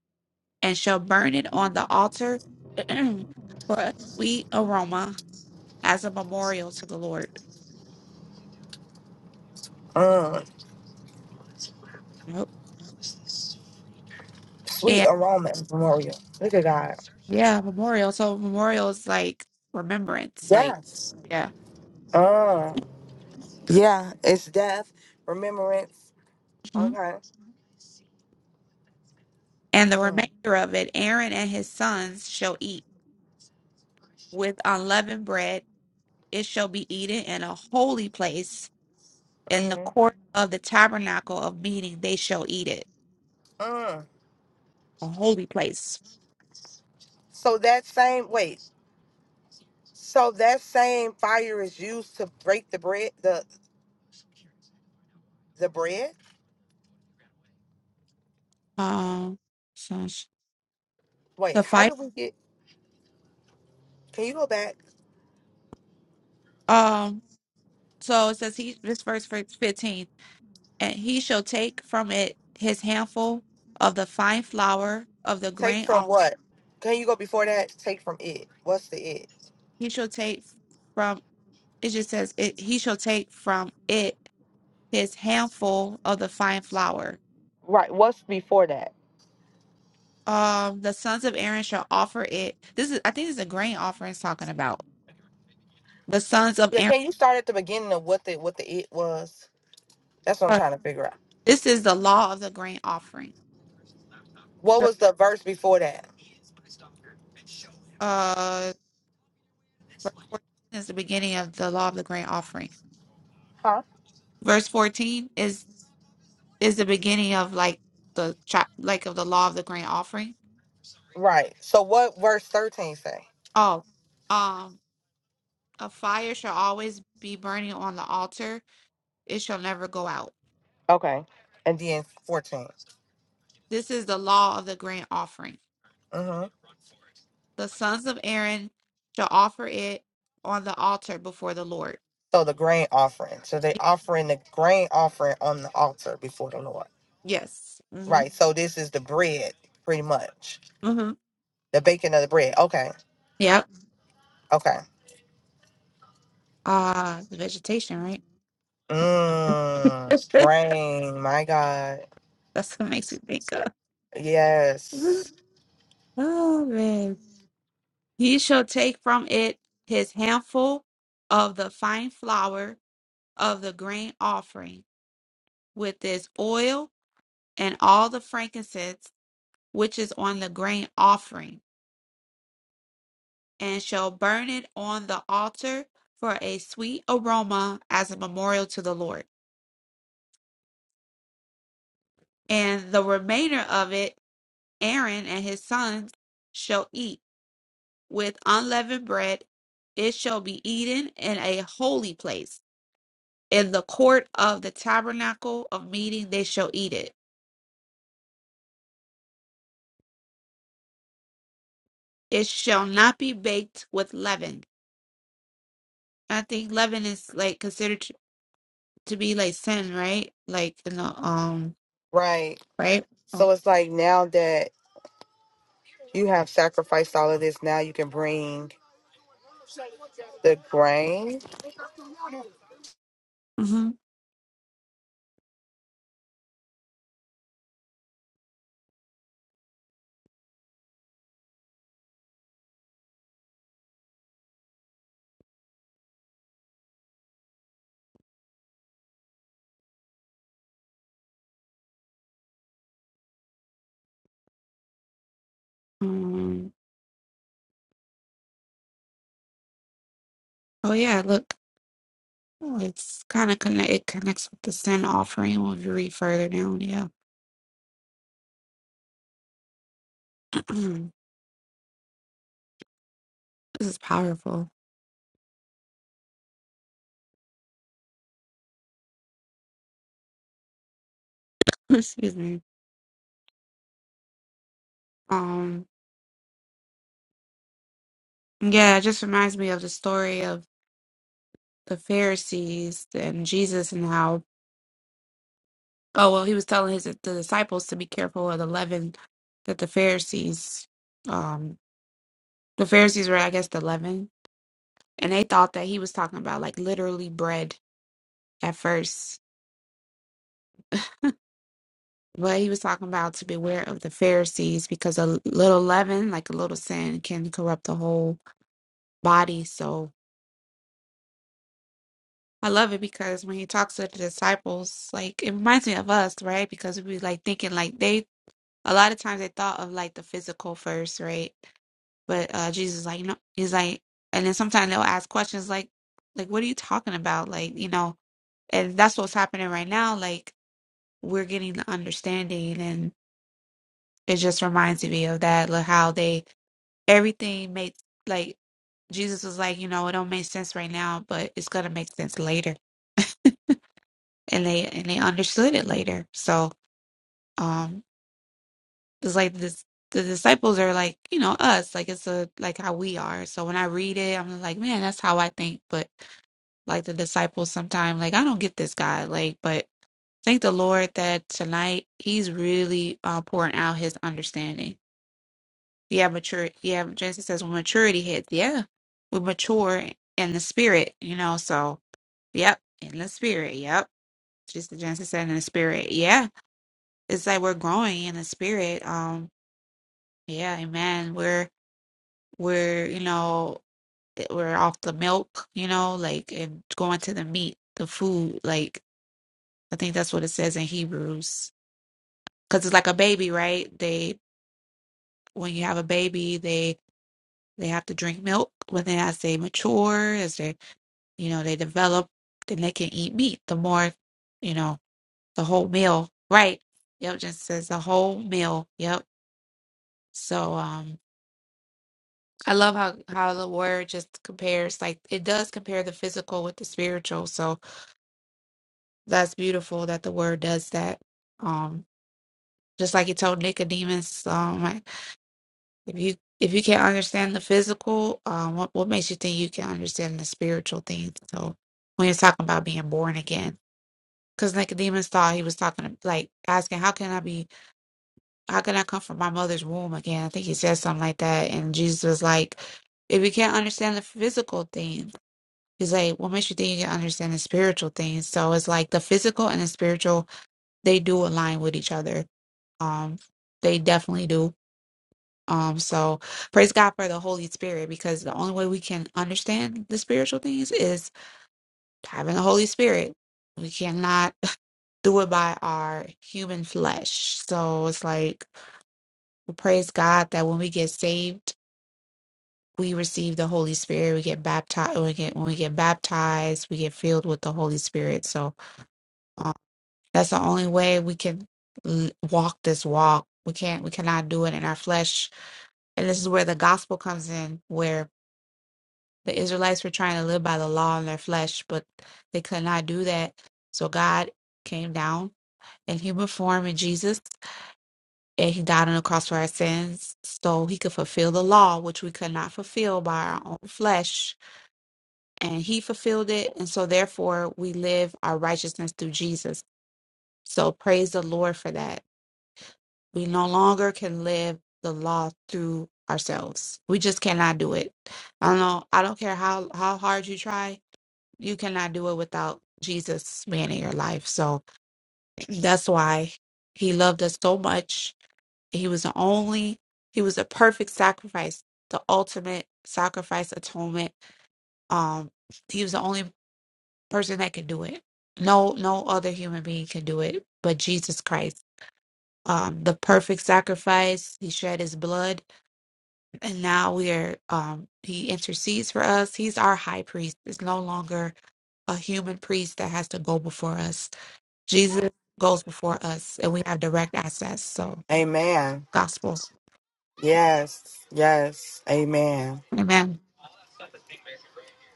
Speaker 1: and shall burn it on the altar for a sweet aroma as a memorial to the Lord.
Speaker 2: Uh,
Speaker 1: Nope.
Speaker 2: sweet
Speaker 1: And
Speaker 2: aroma memorial. Look at God.
Speaker 1: yeah, memorial. So memorial is like remembrance, like
Speaker 2: Yes.
Speaker 1: yeah.
Speaker 2: Uh, yeah, it's death, remembrance.
Speaker 1: Mhm.
Speaker 2: Okay.
Speaker 1: And the
Speaker 2: Mm,
Speaker 1: remainder of it Aaron and his sons shall eat with unleavened bread. It shall be eaten in a holy place in the
Speaker 2: mm,
Speaker 1: court of the tabernacle of meeting. They shall eat it.
Speaker 2: mm.
Speaker 1: A holy place.
Speaker 2: So that same wait. So that same fire is used to break the bread. The the bread.
Speaker 1: Um so sh- the
Speaker 2: Wait, how
Speaker 1: fight.
Speaker 2: did we get? Can you go back?
Speaker 1: Um so it says he this verse verse fifteen. And he shall take from it his handful of the fine flour of the
Speaker 2: Take
Speaker 1: grain off.
Speaker 2: from what? Can you go before that? Take from it. What's the it?
Speaker 1: He shall take from it just says it he shall take from it his handful of the fine flour.
Speaker 2: Right. What's before that?
Speaker 1: Um, the sons of Aaron shall offer it. This is, I think, this is a grain offering. It's talking about the sons of
Speaker 2: Yeah.
Speaker 1: Aaron.
Speaker 2: Can you start at the beginning of what the what the it was? That's what I'm
Speaker 1: uh,
Speaker 2: trying to figure out.
Speaker 1: this is the law of the grain offering.
Speaker 2: What
Speaker 1: The-
Speaker 2: was the verse before that?
Speaker 1: Uh, verse fourteen is the beginning of the law of the grain offering.
Speaker 2: Huh?
Speaker 1: Verse fourteen is is the beginning of like the chap, like of the law of the grain offering.
Speaker 2: Right. So what verse 13 say?
Speaker 1: Oh, um, a fire shall always be burning on the altar; it shall never go out.
Speaker 2: Okay. And then 14.
Speaker 1: This is the law of the grain offering
Speaker 2: hmm
Speaker 1: the sons of Aaron shall offer it on the altar before the Lord.
Speaker 2: So the grain offering. So they offering the grain offering on the altar before the Lord.
Speaker 1: Yes. Mm-hmm.
Speaker 2: Right. So this is the bread, pretty much.
Speaker 1: Mm-hmm.
Speaker 2: The baking of the bread. Okay.
Speaker 1: Yep.
Speaker 2: Okay.
Speaker 1: Ah, the vegetation, right?
Speaker 2: Mmm. Grain. My God.
Speaker 1: That's what makes me think of. Mhm.
Speaker 2: Yes.
Speaker 1: Oh man. He shall take from it his handful of the fine flour of the grain offering with this oil and all the frankincense which is on the grain offering and shall burn it on the altar for a sweet aroma as a memorial to the Lord. And the remainder of it Aaron and his sons shall eat with unleavened bread. It shall be eaten in a holy place. In the court of the tabernacle of meeting, they shall eat it. It shall not be baked with leaven. I think leaven is like considered to to be like sin, right? Like in the um,
Speaker 2: Right.
Speaker 1: right? Oh.
Speaker 2: So it's like now that you have sacrificed all of this, now you can bring the grain.
Speaker 1: Mm-hmm. Mm. Oh yeah, look, oh, it's kind of connect. It connects with the sin offering when you read further down. Yeah, this is powerful. Excuse me. Um, yeah, it just reminds me of the story of the Pharisees and Jesus and how. Oh well, he was telling his the disciples to be careful of the leaven that the Pharisees. Um, the Pharisees were, I guess, the leaven, and they thought that he was talking about like literally bread at first But he was talking about to beware of the Pharisees because a little leaven, like a little sin, can corrupt the whole body. So I love it because when he talks to the disciples, like it reminds me of us, right? Because we like thinking like they a lot of times they thought of like the physical first, right? But uh Jesus is like, no he's like and then sometimes they'll ask questions like like what are you talking about? Like, you know, and that's what's happening right now. Like we're getting the understanding, and it just reminds me of that, like how they everything makes like Jesus was like, you know, it don't make sense right now, but it's gonna make sense later. And they and they understood it later. So um it's like this the disciples are like, you know, us. Like it's a like how we are. So when I read it, I'm like, man, that's how I think. But like the disciples sometimes like I don't get this guy. Like, but thank the Lord that tonight he's really uh pouring out his understanding Yeah, mature. Yeah, Jason says when maturity hits, yeah, we mature in the spirit, you know. So, yep, in the spirit, yep. Just the Genesis said in the spirit, yeah. It's like we're growing in the spirit. Um, yeah, amen. We're we're you know we're off the milk, you know, like and going to the meat, the food. Like I think that's what it says in Hebrews, because it's like a baby, right? They when you have a baby, they they have to drink milk. But then as they mature, as they You know, they develop, then they can eat meat. The more, you know, the whole meal. Right. Yep, just says the whole meal. Yep. So um I love how how the word just compares like it does compare the physical with the spiritual. So that's beautiful that the word does that. Um just like he told Nicodemus, um like, if you if you can't understand the physical, um what, what makes you think you can understand the spiritual things? So when you're talking about being born again. Because Nicodemus thought he was talking, like asking, "How can I be? How can I come from my mother's womb again?" I think he said something like that, and Jesus was like, "If you can't understand the physical thing, he's like, what makes you think you can understand the spiritual things?" So it's like the physical and the spiritual they do align with each other. Um, they definitely do. Um, so praise God for the Holy Spirit because the only way we can understand the spiritual things is having the Holy Spirit. We cannot. do it by our human flesh. So it's like we praise God that when we get saved, we receive the Holy Spirit. We get baptized. we get when we get baptized, we get filled with the Holy Spirit. So um, that's the only way we can l- walk this walk. We can't. We cannot do it in our flesh. And this is where the gospel comes in, where the Israelites were trying to live by the law in their flesh, but they could not do that. So God came down in human form in Jesus and he died on the cross for our sins so he could fulfill the law which we could not fulfill by our own flesh and he fulfilled it and so therefore we live our righteousness through jesus so praise the lord for that we no longer can live the law through ourselves we just cannot do it i don't know i don't care how how hard you try you cannot do it without jesus being in your life so that's why he loved us so much He was the only, he was a perfect sacrifice, the ultimate sacrifice atonement. Um, he was the only person that could do it. No, no other human being can do it but Jesus Christ. Um, the perfect sacrifice. He shed his blood, and now we are. Um, he intercedes for us. He's our high priest. It's no longer a human priest that has to go before us. Jesus goes before us, and we have direct access. So,
Speaker 2: Amen
Speaker 1: gospel.
Speaker 2: Yes, yes, amen.
Speaker 1: Amen.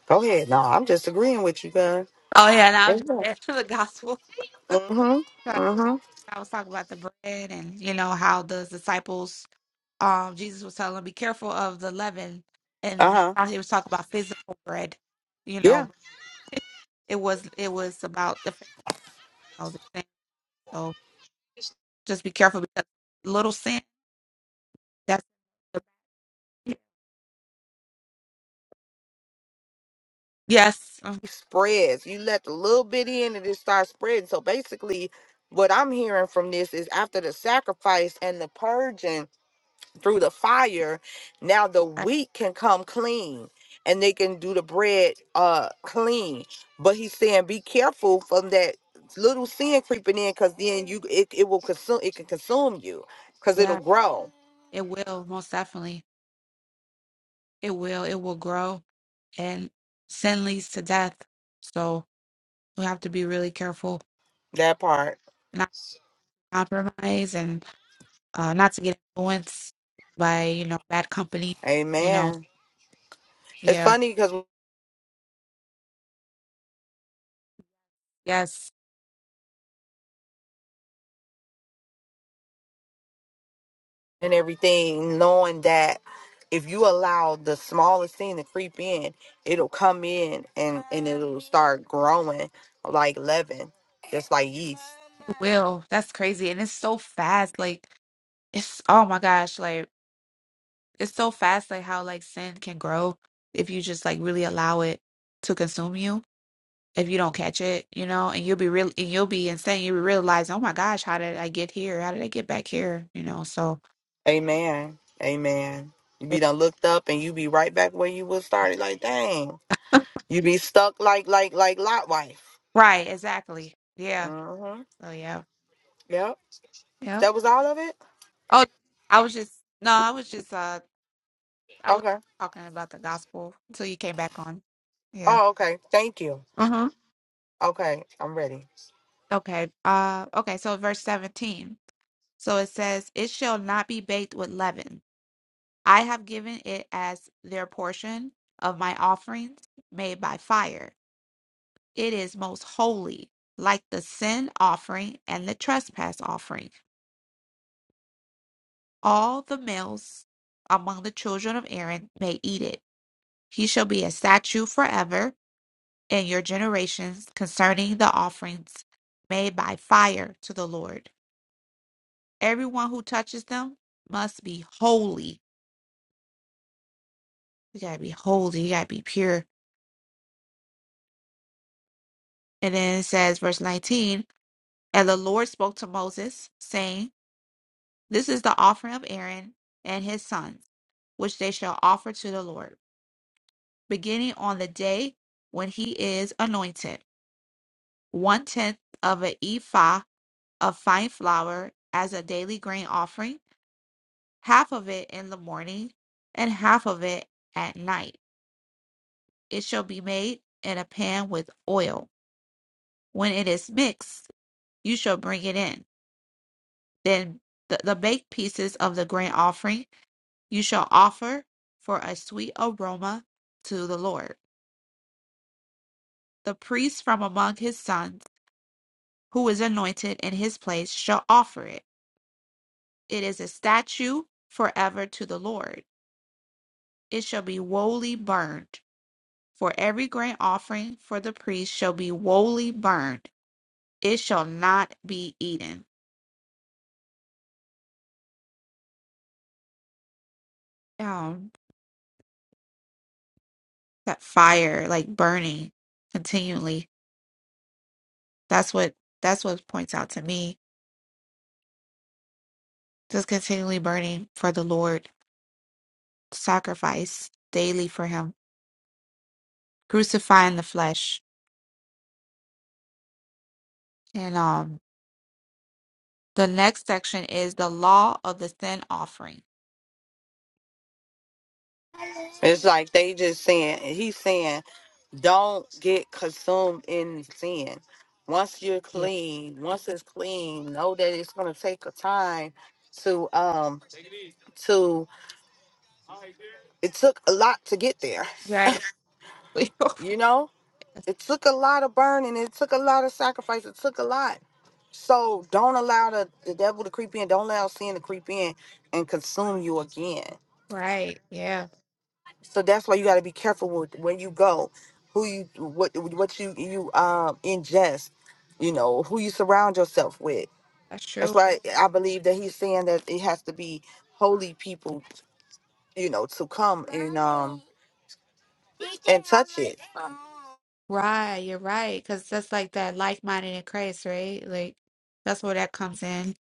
Speaker 2: Go ahead. No, I'm just agreeing with you, guys.
Speaker 1: Oh yeah, and i was
Speaker 2: Mm-hmm.
Speaker 1: just add to the gospel. I
Speaker 2: Mm-hmm.
Speaker 1: I was talking about the bread and you know how the disciples, um, Jesus was telling them, be careful of the leaven, and
Speaker 2: Uh-huh.
Speaker 1: how he was talking about physical bread. You
Speaker 2: Yeah.
Speaker 1: know, it was it was about the Pharaoh the thing. So just be careful because little sin. That's the, yes, Mhm.
Speaker 2: It spreads. You let the little bit in and it starts spreading. So basically, what I'm hearing from this is after the sacrifice and the purging. through the fire, now the
Speaker 1: Right.
Speaker 2: wheat can come clean and they can do the bread uh clean. But he's saying be careful from that little sin creeping in because then you it, it will consume it can consume you because it'll
Speaker 1: yeah,
Speaker 2: grow.
Speaker 1: it will most definitely. It will. It will grow, and sin leads to death. So we have to be really careful.
Speaker 2: That part.
Speaker 1: compromise and uh, not to get influenced by you know bad company you know
Speaker 2: Amen. It's
Speaker 1: yeah
Speaker 2: funny because
Speaker 1: yes
Speaker 2: and everything, knowing that if you allow the smallest thing to creep in, it'll come in and, and it'll start growing like leaven, just like yeast.
Speaker 1: it will that's crazy and it's so fast like it's oh my gosh like it's so fast like how like sin can grow if you just like really allow it to consume you if you don't catch it you know and you'll be real and you'll be insane you realize oh my gosh how did i get here how did i get back here you know so
Speaker 2: Amen. Amen. You be done looked up and you be right back where you was started. Like, dang. You be stuck like like like lot wife.
Speaker 1: right exactly yeah
Speaker 2: Mm-hmm.
Speaker 1: so yeah
Speaker 2: Yep.
Speaker 1: yeah
Speaker 2: That was all of it?
Speaker 1: oh i was just no i was just uh I was
Speaker 2: Okay.
Speaker 1: talking about the gospel until you came back on. Yeah.
Speaker 2: Oh, okay. Thank you.
Speaker 1: Uh-huh.
Speaker 2: Okay, I'm ready.
Speaker 1: Okay. Uh okay, so verse 17. So it says, It shall not be baked with leaven. I have given it as their portion of my offerings made by fire. It is most holy, like the sin offering and the trespass offering. All the males among the children of Aaron may eat it. He shall be a statue forever and your generations concerning the offerings made by fire to the Lord. Everyone who touches them must be holy. You gotta be holy, you gotta be pure. And then it says, verse 19, and the Lord spoke to Moses, saying, This is the offering of Aaron and his sons, which they shall offer to the Lord, beginning on the day when he is anointed, one tenth of an ephah of fine flour as a daily grain offering half of it in the morning and half of it at night. It shall be made in a pan with oil. When it is mixed, you shall bring it in. Then the, the baked pieces of the grain offering you shall offer for a sweet aroma to the Lord. The priest from among his sons, who is anointed in his place, shall offer it. It is a statue forever to the Lord. It shall be wholly burned. For every grain offering for the priest shall be wholly burned. It shall not be eaten. Um, that fire, like burning continually. That's what that's what points out to me. Just continually burning for the Lord, sacrifice daily for him, crucifying the flesh. And um the next section is the law of the sin offering.
Speaker 2: It's like they just saying he's saying don't get consumed in sin. Once you're
Speaker 1: Yeah.
Speaker 2: clean, once it's clean, know that it's gonna take a time to um to it took a lot to get there,
Speaker 1: Right. Oh my
Speaker 2: you know?
Speaker 1: goodness.
Speaker 2: It took a lot of burning. It took a lot of sacrifice. It took a lot. So don't allow the, the devil to creep in. Don't allow sin to creep in and consume you again.
Speaker 1: Right. Yeah.
Speaker 2: So that's why you got to be careful with when you go, who you what what you you um ingest, you know who you surround yourself with.
Speaker 1: That's true.
Speaker 2: That's why I believe that he's saying that it has to be holy people, you know, to come and um and touch it.
Speaker 1: Right, you're right, because that's like that like-minded in Christ, right? Like that's where that comes in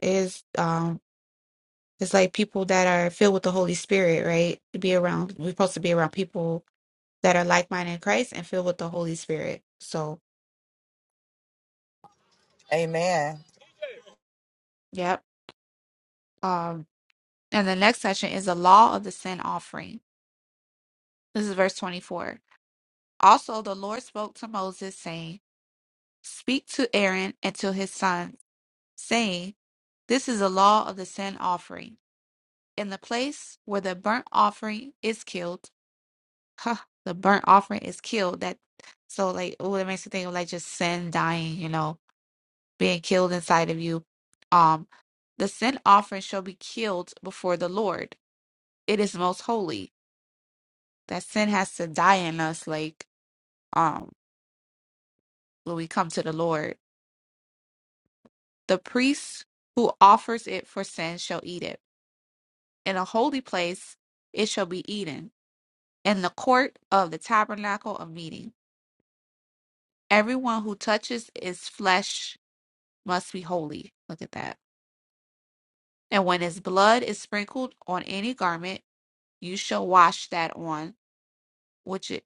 Speaker 1: is um it's like people that are filled with the Holy Spirit, right? To be around, we're supposed to be around people that are like-minded in Christ and filled with the Holy Spirit. So,
Speaker 2: Amen.
Speaker 1: yep. Um, and the next section is the law of the sin offering. This is verse 24. Also, the Lord spoke to Moses, saying, Speak to Aaron and to his sons, saying, This is the law of the sin offering. in the place where the burnt offering is killed. Huh, the burnt offering is killed. That so like oh, it makes you think of like just sin dying, you know, being killed inside of you. Um, the sin offering shall be killed before the Lord. It is most holy. That sin has to die in us, like um when we come to the Lord. The priest who offers it for sin shall eat it. In a holy place it shall be eaten. In the court of the tabernacle of meeting Everyone who touches its flesh must be holy. Look at that. And when his blood is sprinkled on any garment, you shall wash that on which it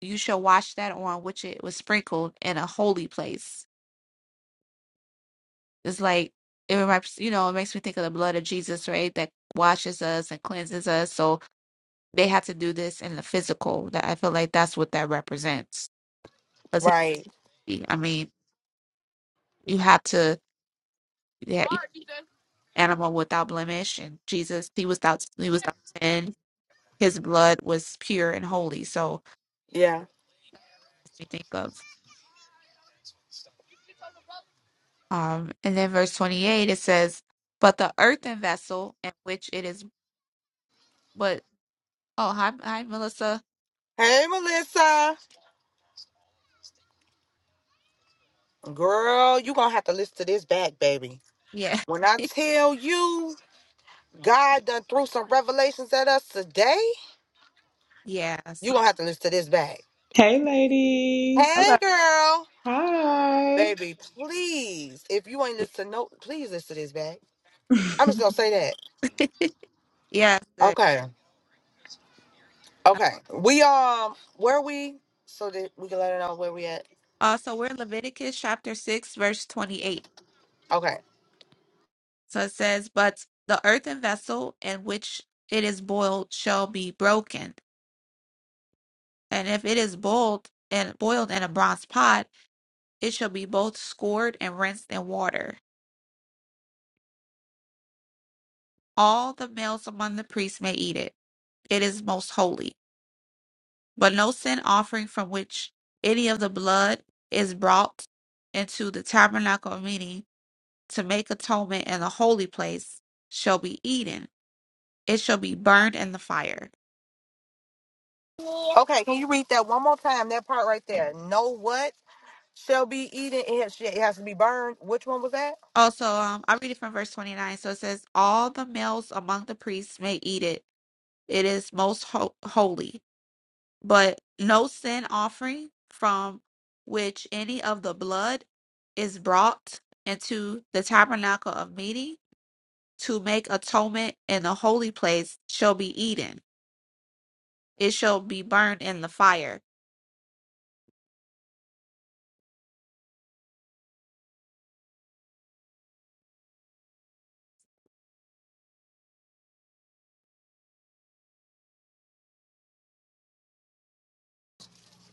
Speaker 1: you shall wash that on which it was sprinkled in a holy place. It's like it reminds you know, it makes me think of the blood of Jesus, right? That washes us and cleanses us. So they have to do this in the physical. That I feel like that's what that represents. Because
Speaker 2: Right?
Speaker 1: I mean, you have to. Yeah, animal without blemish and Jesus he was without he was without sin his blood was pure and holy so
Speaker 2: Yeah.
Speaker 1: that's what we think of um and then verse 28 it says but the earthen vessel in which it is but oh hi hi Melissa
Speaker 2: Hey, Melissa. Girl, you gonna have to listen to this back, baby.
Speaker 1: yeah
Speaker 2: When I tell you God done threw some revelations at us today,
Speaker 1: yes
Speaker 2: you gonna have to listen to this back.
Speaker 5: Hey, ladies.
Speaker 1: hello
Speaker 2: Hey girl,
Speaker 5: Hi.
Speaker 2: baby, please. If you ain't listen to no, please listen to this back. I'm just gonna say that.
Speaker 1: yes good.
Speaker 2: Okay. Okay. We um where we so that we can let her know where we at.
Speaker 1: uh, so we're in Leviticus chapter 6 verse 28
Speaker 2: Okay.
Speaker 1: so it says but the earthen vessel in which it is boiled shall be broken And if it is boiled and boiled in a bronze pot, it shall be both scored and rinsed in water. All the males among the priests may eat it. It is most holy. But no sin offering from which any of the blood is brought into the tabernacle of meeting to make atonement in the holy place shall be eaten. It shall be burned in the fire.
Speaker 2: Okay, can you read that one more time? That part right there. Know what shall be eaten. It has, it has to be burned. Which one was that?
Speaker 1: Also, um, I read it from verse 29. So it says, All the males among the priests may eat it. It is most ho- holy but no sin offering from which any of the blood is brought into the tabernacle of meeting to make atonement in the holy place shall be eaten. It shall be burned in the fire.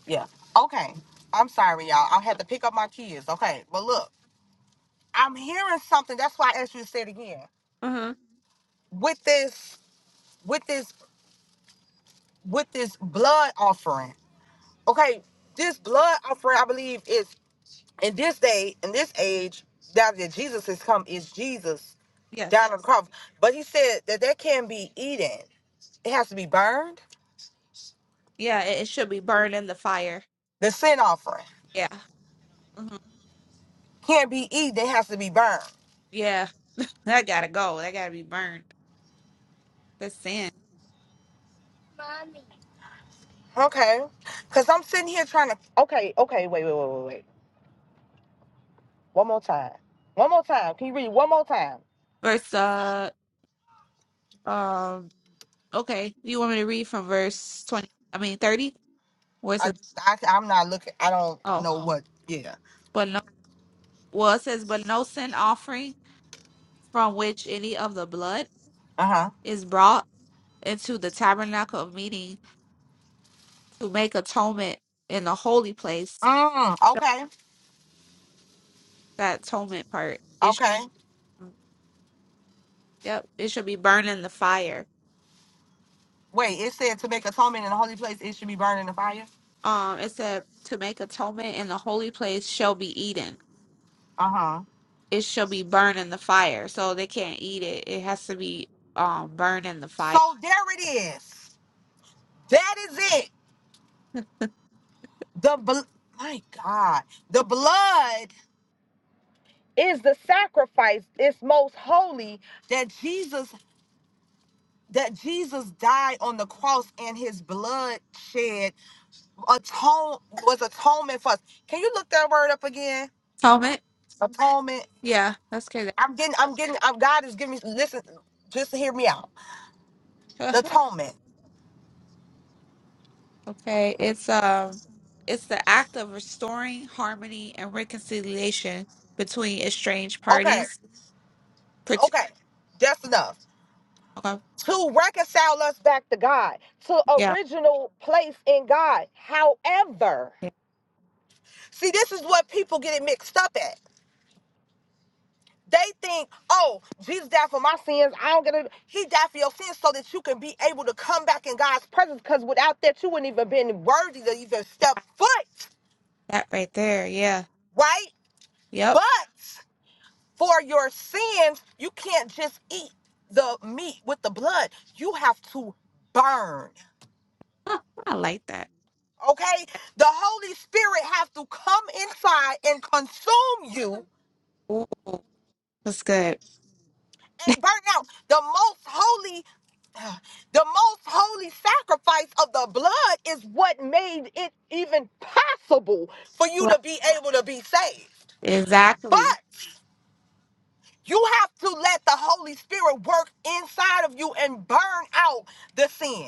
Speaker 2: Yeah. Okay. I'm sorry, y'all. I had to pick up my kids. Okay. But look, I'm hearing something. That's why I asked you to say it again.
Speaker 1: hmm
Speaker 2: With this, with this, with this blood offering. Okay. This blood offering, I believe, is in this day, in this age, now that Jesus has come, is Jesus
Speaker 1: Yes.
Speaker 2: down on the cross. But he said that that can not be eaten. It has to be burned.
Speaker 1: Yeah, it, it should be burned in the fire.
Speaker 2: The sin offering
Speaker 1: Yeah. hmm
Speaker 2: can't be eaten. It has to be burned.
Speaker 1: Yeah. That gotta go. That gotta be burned. The sin.
Speaker 2: Okay. Cause I'm sitting here trying to. Okay. Okay. Wait. Wait. Wait. Wait. Wait. One more time. One more time. Can you read one more time?
Speaker 1: Verse uh um okay. You want me to read from verse twenty I mean thirty? Where's
Speaker 2: I
Speaker 1: it
Speaker 2: just, I, I'm not looking. I don't
Speaker 1: oh
Speaker 2: know what. Yeah.
Speaker 1: but no. Well, it says, but no sin offering from which any of the blood
Speaker 2: Uh
Speaker 1: is brought into the tabernacle of meeting to make atonement in the holy
Speaker 2: huh.
Speaker 1: place.
Speaker 2: Mm,
Speaker 1: So
Speaker 2: okay.
Speaker 1: That atonement part, it
Speaker 2: Okay.
Speaker 1: should, yep, it should be burned in the fire.
Speaker 2: Wait, it said to make atonement in the holy place, it should be burned in the fire.
Speaker 1: Um, it said to make atonement in the holy place shall be eaten.
Speaker 2: Uh huh.
Speaker 1: It shall be burned in the fire, so they can't eat it. It has to be um burned in the fire.
Speaker 2: So there it is. That is it. The bl- my God, the blood is the sacrifice. It's most holy that Jesus that Jesus died on the cross and his blood shed atone was atonement for us. Can you look that word up again?
Speaker 1: Atonement,
Speaker 2: Atonement.
Speaker 1: yeah, that's crazy.
Speaker 2: I'm getting. I'm getting. I'm, God is giving me. Listen, just hear me out. The atonement.
Speaker 1: Okay, it's um it's the act of restoring harmony and reconciliation between estranged
Speaker 2: Okay.
Speaker 1: parties. Pret-
Speaker 2: Okay. That's enough.
Speaker 1: Okay,
Speaker 2: To reconcile us back to God, to
Speaker 1: yeah,
Speaker 2: original place in God. However,
Speaker 1: yeah,
Speaker 2: see, this is what people get it mixed up at. They think, oh, Jesus died for my sins. I don't get it. He died for your sins so that you can be able to come back in God's presence. Because without that, you wouldn't even been worthy to even step foot,
Speaker 1: that right there. Yeah,
Speaker 2: right?
Speaker 1: yep.
Speaker 2: But for your sins, you can't just eat the meat with the blood. You have to burn.
Speaker 1: Huh, I like that.
Speaker 2: Okay? The Holy Spirit has to come inside and consume you
Speaker 1: Ooh, that's good.
Speaker 2: and burn out. The most holy The most holy sacrifice of the blood is what made it even possible for you
Speaker 1: Right.
Speaker 2: to be able to be saved. But
Speaker 1: Exactly.
Speaker 2: you have to let the Holy Spirit work inside of you and burn out the sin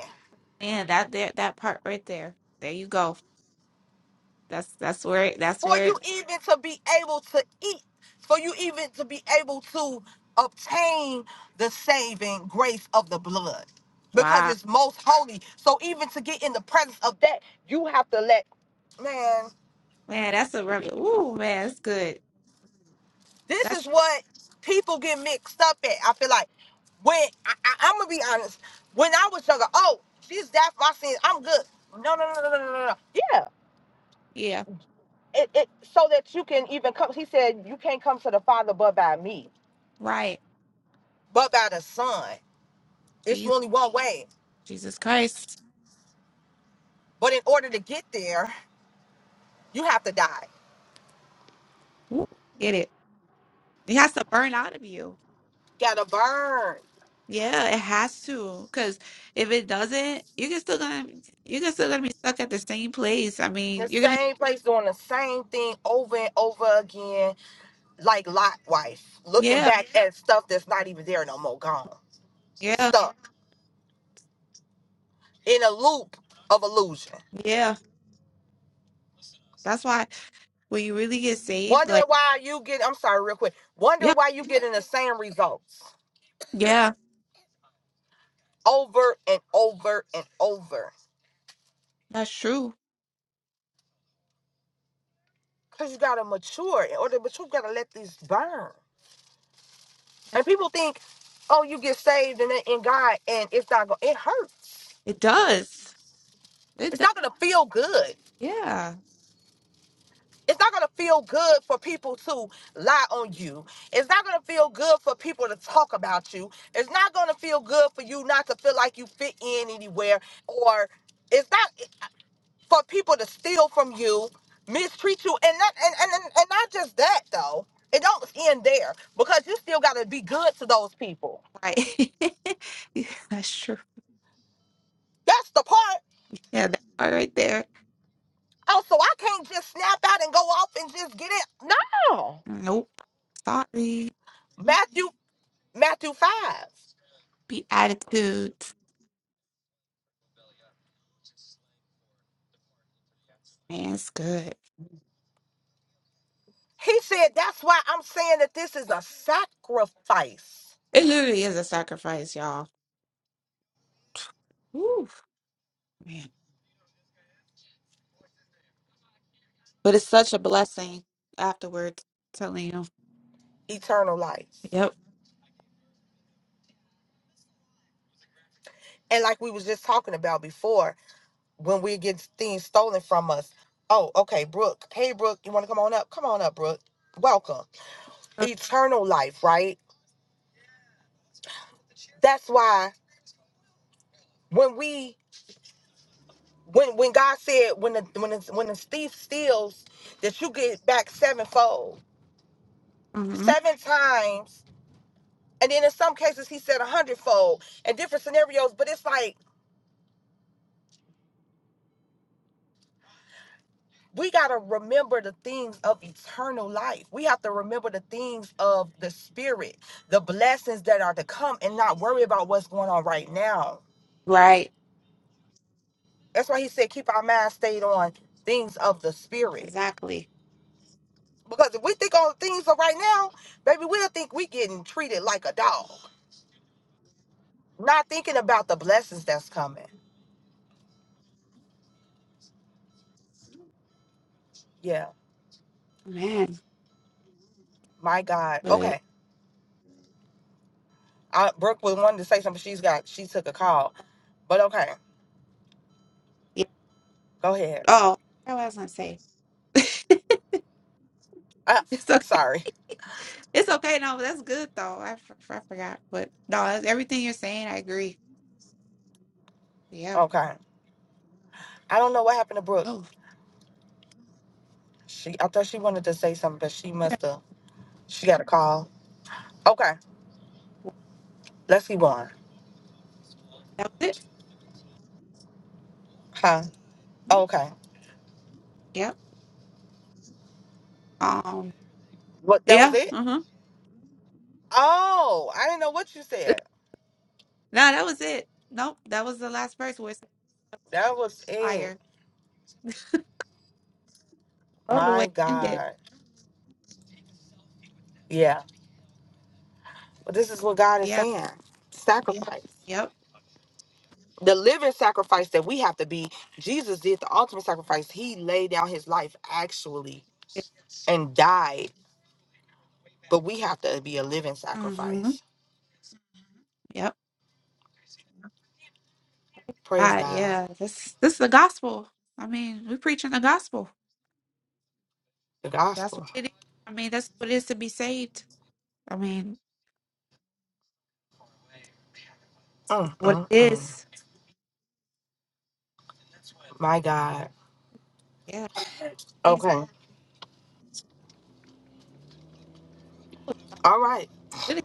Speaker 1: Man, that there that part right there. There you go. That's that's where it- that's
Speaker 2: for
Speaker 1: where.
Speaker 2: you
Speaker 1: it-
Speaker 2: even to be able to eat, for you even to be able to obtain the saving grace of the blood because
Speaker 1: Wow,
Speaker 2: it's most holy. So even to get in the presence of that, you have to let man.
Speaker 1: man, that's a rev- ooh man, that's good.
Speaker 2: This is
Speaker 1: That's
Speaker 2: what people get mixed up at. I feel like when I, I, I'm gonna be honest. When I was younger, oh, she's that my sin. I'm good. No, no, no, no, no, no, no. no. Yeah,
Speaker 1: yeah,
Speaker 2: it, it so that you can even come. He said you can't come to the Father but by me,
Speaker 1: right.
Speaker 2: but by the Son. It's
Speaker 1: Jesus,
Speaker 2: only one way.
Speaker 1: Jesus Christ.
Speaker 2: But in order to get there, you have to die.
Speaker 1: Ooh, get it. It has to burn out of you.
Speaker 2: Gotta burn.
Speaker 1: Yeah, it has to. Because if it doesn't, you're still gonna you're still gonna be stuck at the same place. I mean,
Speaker 2: The
Speaker 1: you're gonna
Speaker 2: same place doing the same thing over and over again, like Lot wife, looking
Speaker 1: yeah,
Speaker 2: back at stuff that's not even there no more, gone.
Speaker 1: yeah,
Speaker 2: stuck in a loop of illusion.
Speaker 1: yeah. That's why when you really get saved,
Speaker 2: Wondering
Speaker 1: like
Speaker 2: why you get, I'm sorry, real quick. Wondering
Speaker 1: yeah,
Speaker 2: why you getting the same results
Speaker 1: yeah,
Speaker 2: over and over and over.
Speaker 1: that's true.
Speaker 2: Because you got to mature. In order to mature, you got to let this burn. And people think, oh, you get saved and in God, and it's not going to, it hurts.
Speaker 1: It does. It
Speaker 2: It's
Speaker 1: does.
Speaker 2: not going to feel good.
Speaker 1: Yeah.
Speaker 2: It's not going to feel good for people to lie on you. It's not going to feel good for people to talk about you. It's not going to feel good for you not to feel like you fit in anywhere or it's not for people to steal from you, mistreat you and not and and, and, and not just that though. It don't end there because you still got to be good to those people.
Speaker 1: Like yeah, that's true.
Speaker 2: That's the part.
Speaker 1: Yeah, that part right there.
Speaker 2: Oh, so I can't just snap out and go off and just get it. No.
Speaker 1: Nope. Sorry.
Speaker 2: Matthew Matthew 5.
Speaker 1: Beatitudes. Man, it's good.
Speaker 2: He said, That's why I'm saying that this is a sacrifice,
Speaker 1: It literally is a sacrifice, y'all. Woo. man. But it's such a blessing afterwards, telling you.
Speaker 2: eternal life.
Speaker 1: Yep.
Speaker 2: And like we was just talking about before, when we get things stolen from us. Oh, okay, Brooke. Hey, Brooke, you want to come on up? Come on up, Brooke. Welcome. Eternal life, right? That's why when we when when God said when the when the, when the thief steals that you get back sevenfold,
Speaker 1: hmm
Speaker 2: seven times, and then in some cases He said a hundredfold, and different scenarios. But it's like we got to remember the things of eternal life. We have to remember the things of the spirit, the blessings that are to come, and not worry about what's going on right now.
Speaker 1: Right.
Speaker 2: That's why he said, keep our mind stayed on things of the spirit.
Speaker 1: Exactly.
Speaker 2: Because if we think on things of right now, baby, we'll think we getting treated like a dog, not thinking about the blessings that's coming. Yeah,
Speaker 1: Man.
Speaker 2: my God.
Speaker 1: But
Speaker 2: Okay. I, Brooke was wanting to say something. She's got, she took a call, but okay,
Speaker 1: yeah.
Speaker 2: go ahead.
Speaker 1: Oh, what was I gonna say?
Speaker 2: Uh,
Speaker 1: It's okay.
Speaker 2: sorry.
Speaker 1: It's okay. No, that's good though. I, f- I forgot. But no, that's, everything you're saying, I agree. Yeah.
Speaker 2: Okay. I don't know what happened to Brooke.
Speaker 1: Oh,
Speaker 2: She I thought she wanted to say something, but she
Speaker 1: that
Speaker 2: must have she got a call. Okay, let's keep going.
Speaker 1: was it.
Speaker 2: Huh? Okay.
Speaker 1: Yep. Um.
Speaker 2: What that was
Speaker 1: Yeah.
Speaker 2: it?
Speaker 1: Uh huh. No,
Speaker 2: Oh, I didn't know what you said.
Speaker 1: that was it. Nope. That was the last verse where it's
Speaker 2: That was it.
Speaker 1: fire. Oh, the way
Speaker 2: My
Speaker 1: it ended.
Speaker 2: God. Yeah. But this is what God is
Speaker 1: Yeah.
Speaker 2: saying. Sacrifice.
Speaker 1: Yep.
Speaker 2: The living sacrifice that we have to be. Jesus did the ultimate sacrifice. He laid down his life actually
Speaker 1: Yeah.
Speaker 2: and died. But we have to be a living
Speaker 1: Mm-hmm.
Speaker 2: sacrifice.
Speaker 1: Yep.
Speaker 2: Praise
Speaker 1: God,
Speaker 2: God.
Speaker 1: yeah, this this is the gospel. I mean, we're preaching the gospel.
Speaker 2: The
Speaker 1: That's
Speaker 2: gospel.
Speaker 1: what it is. I mean, that's what it is to be saved. I mean, it's
Speaker 2: Mm,
Speaker 1: what
Speaker 2: mm,
Speaker 1: it
Speaker 2: mm.
Speaker 1: is.
Speaker 2: My God.
Speaker 1: Yeah, Jesus
Speaker 2: Okay. All right.
Speaker 1: really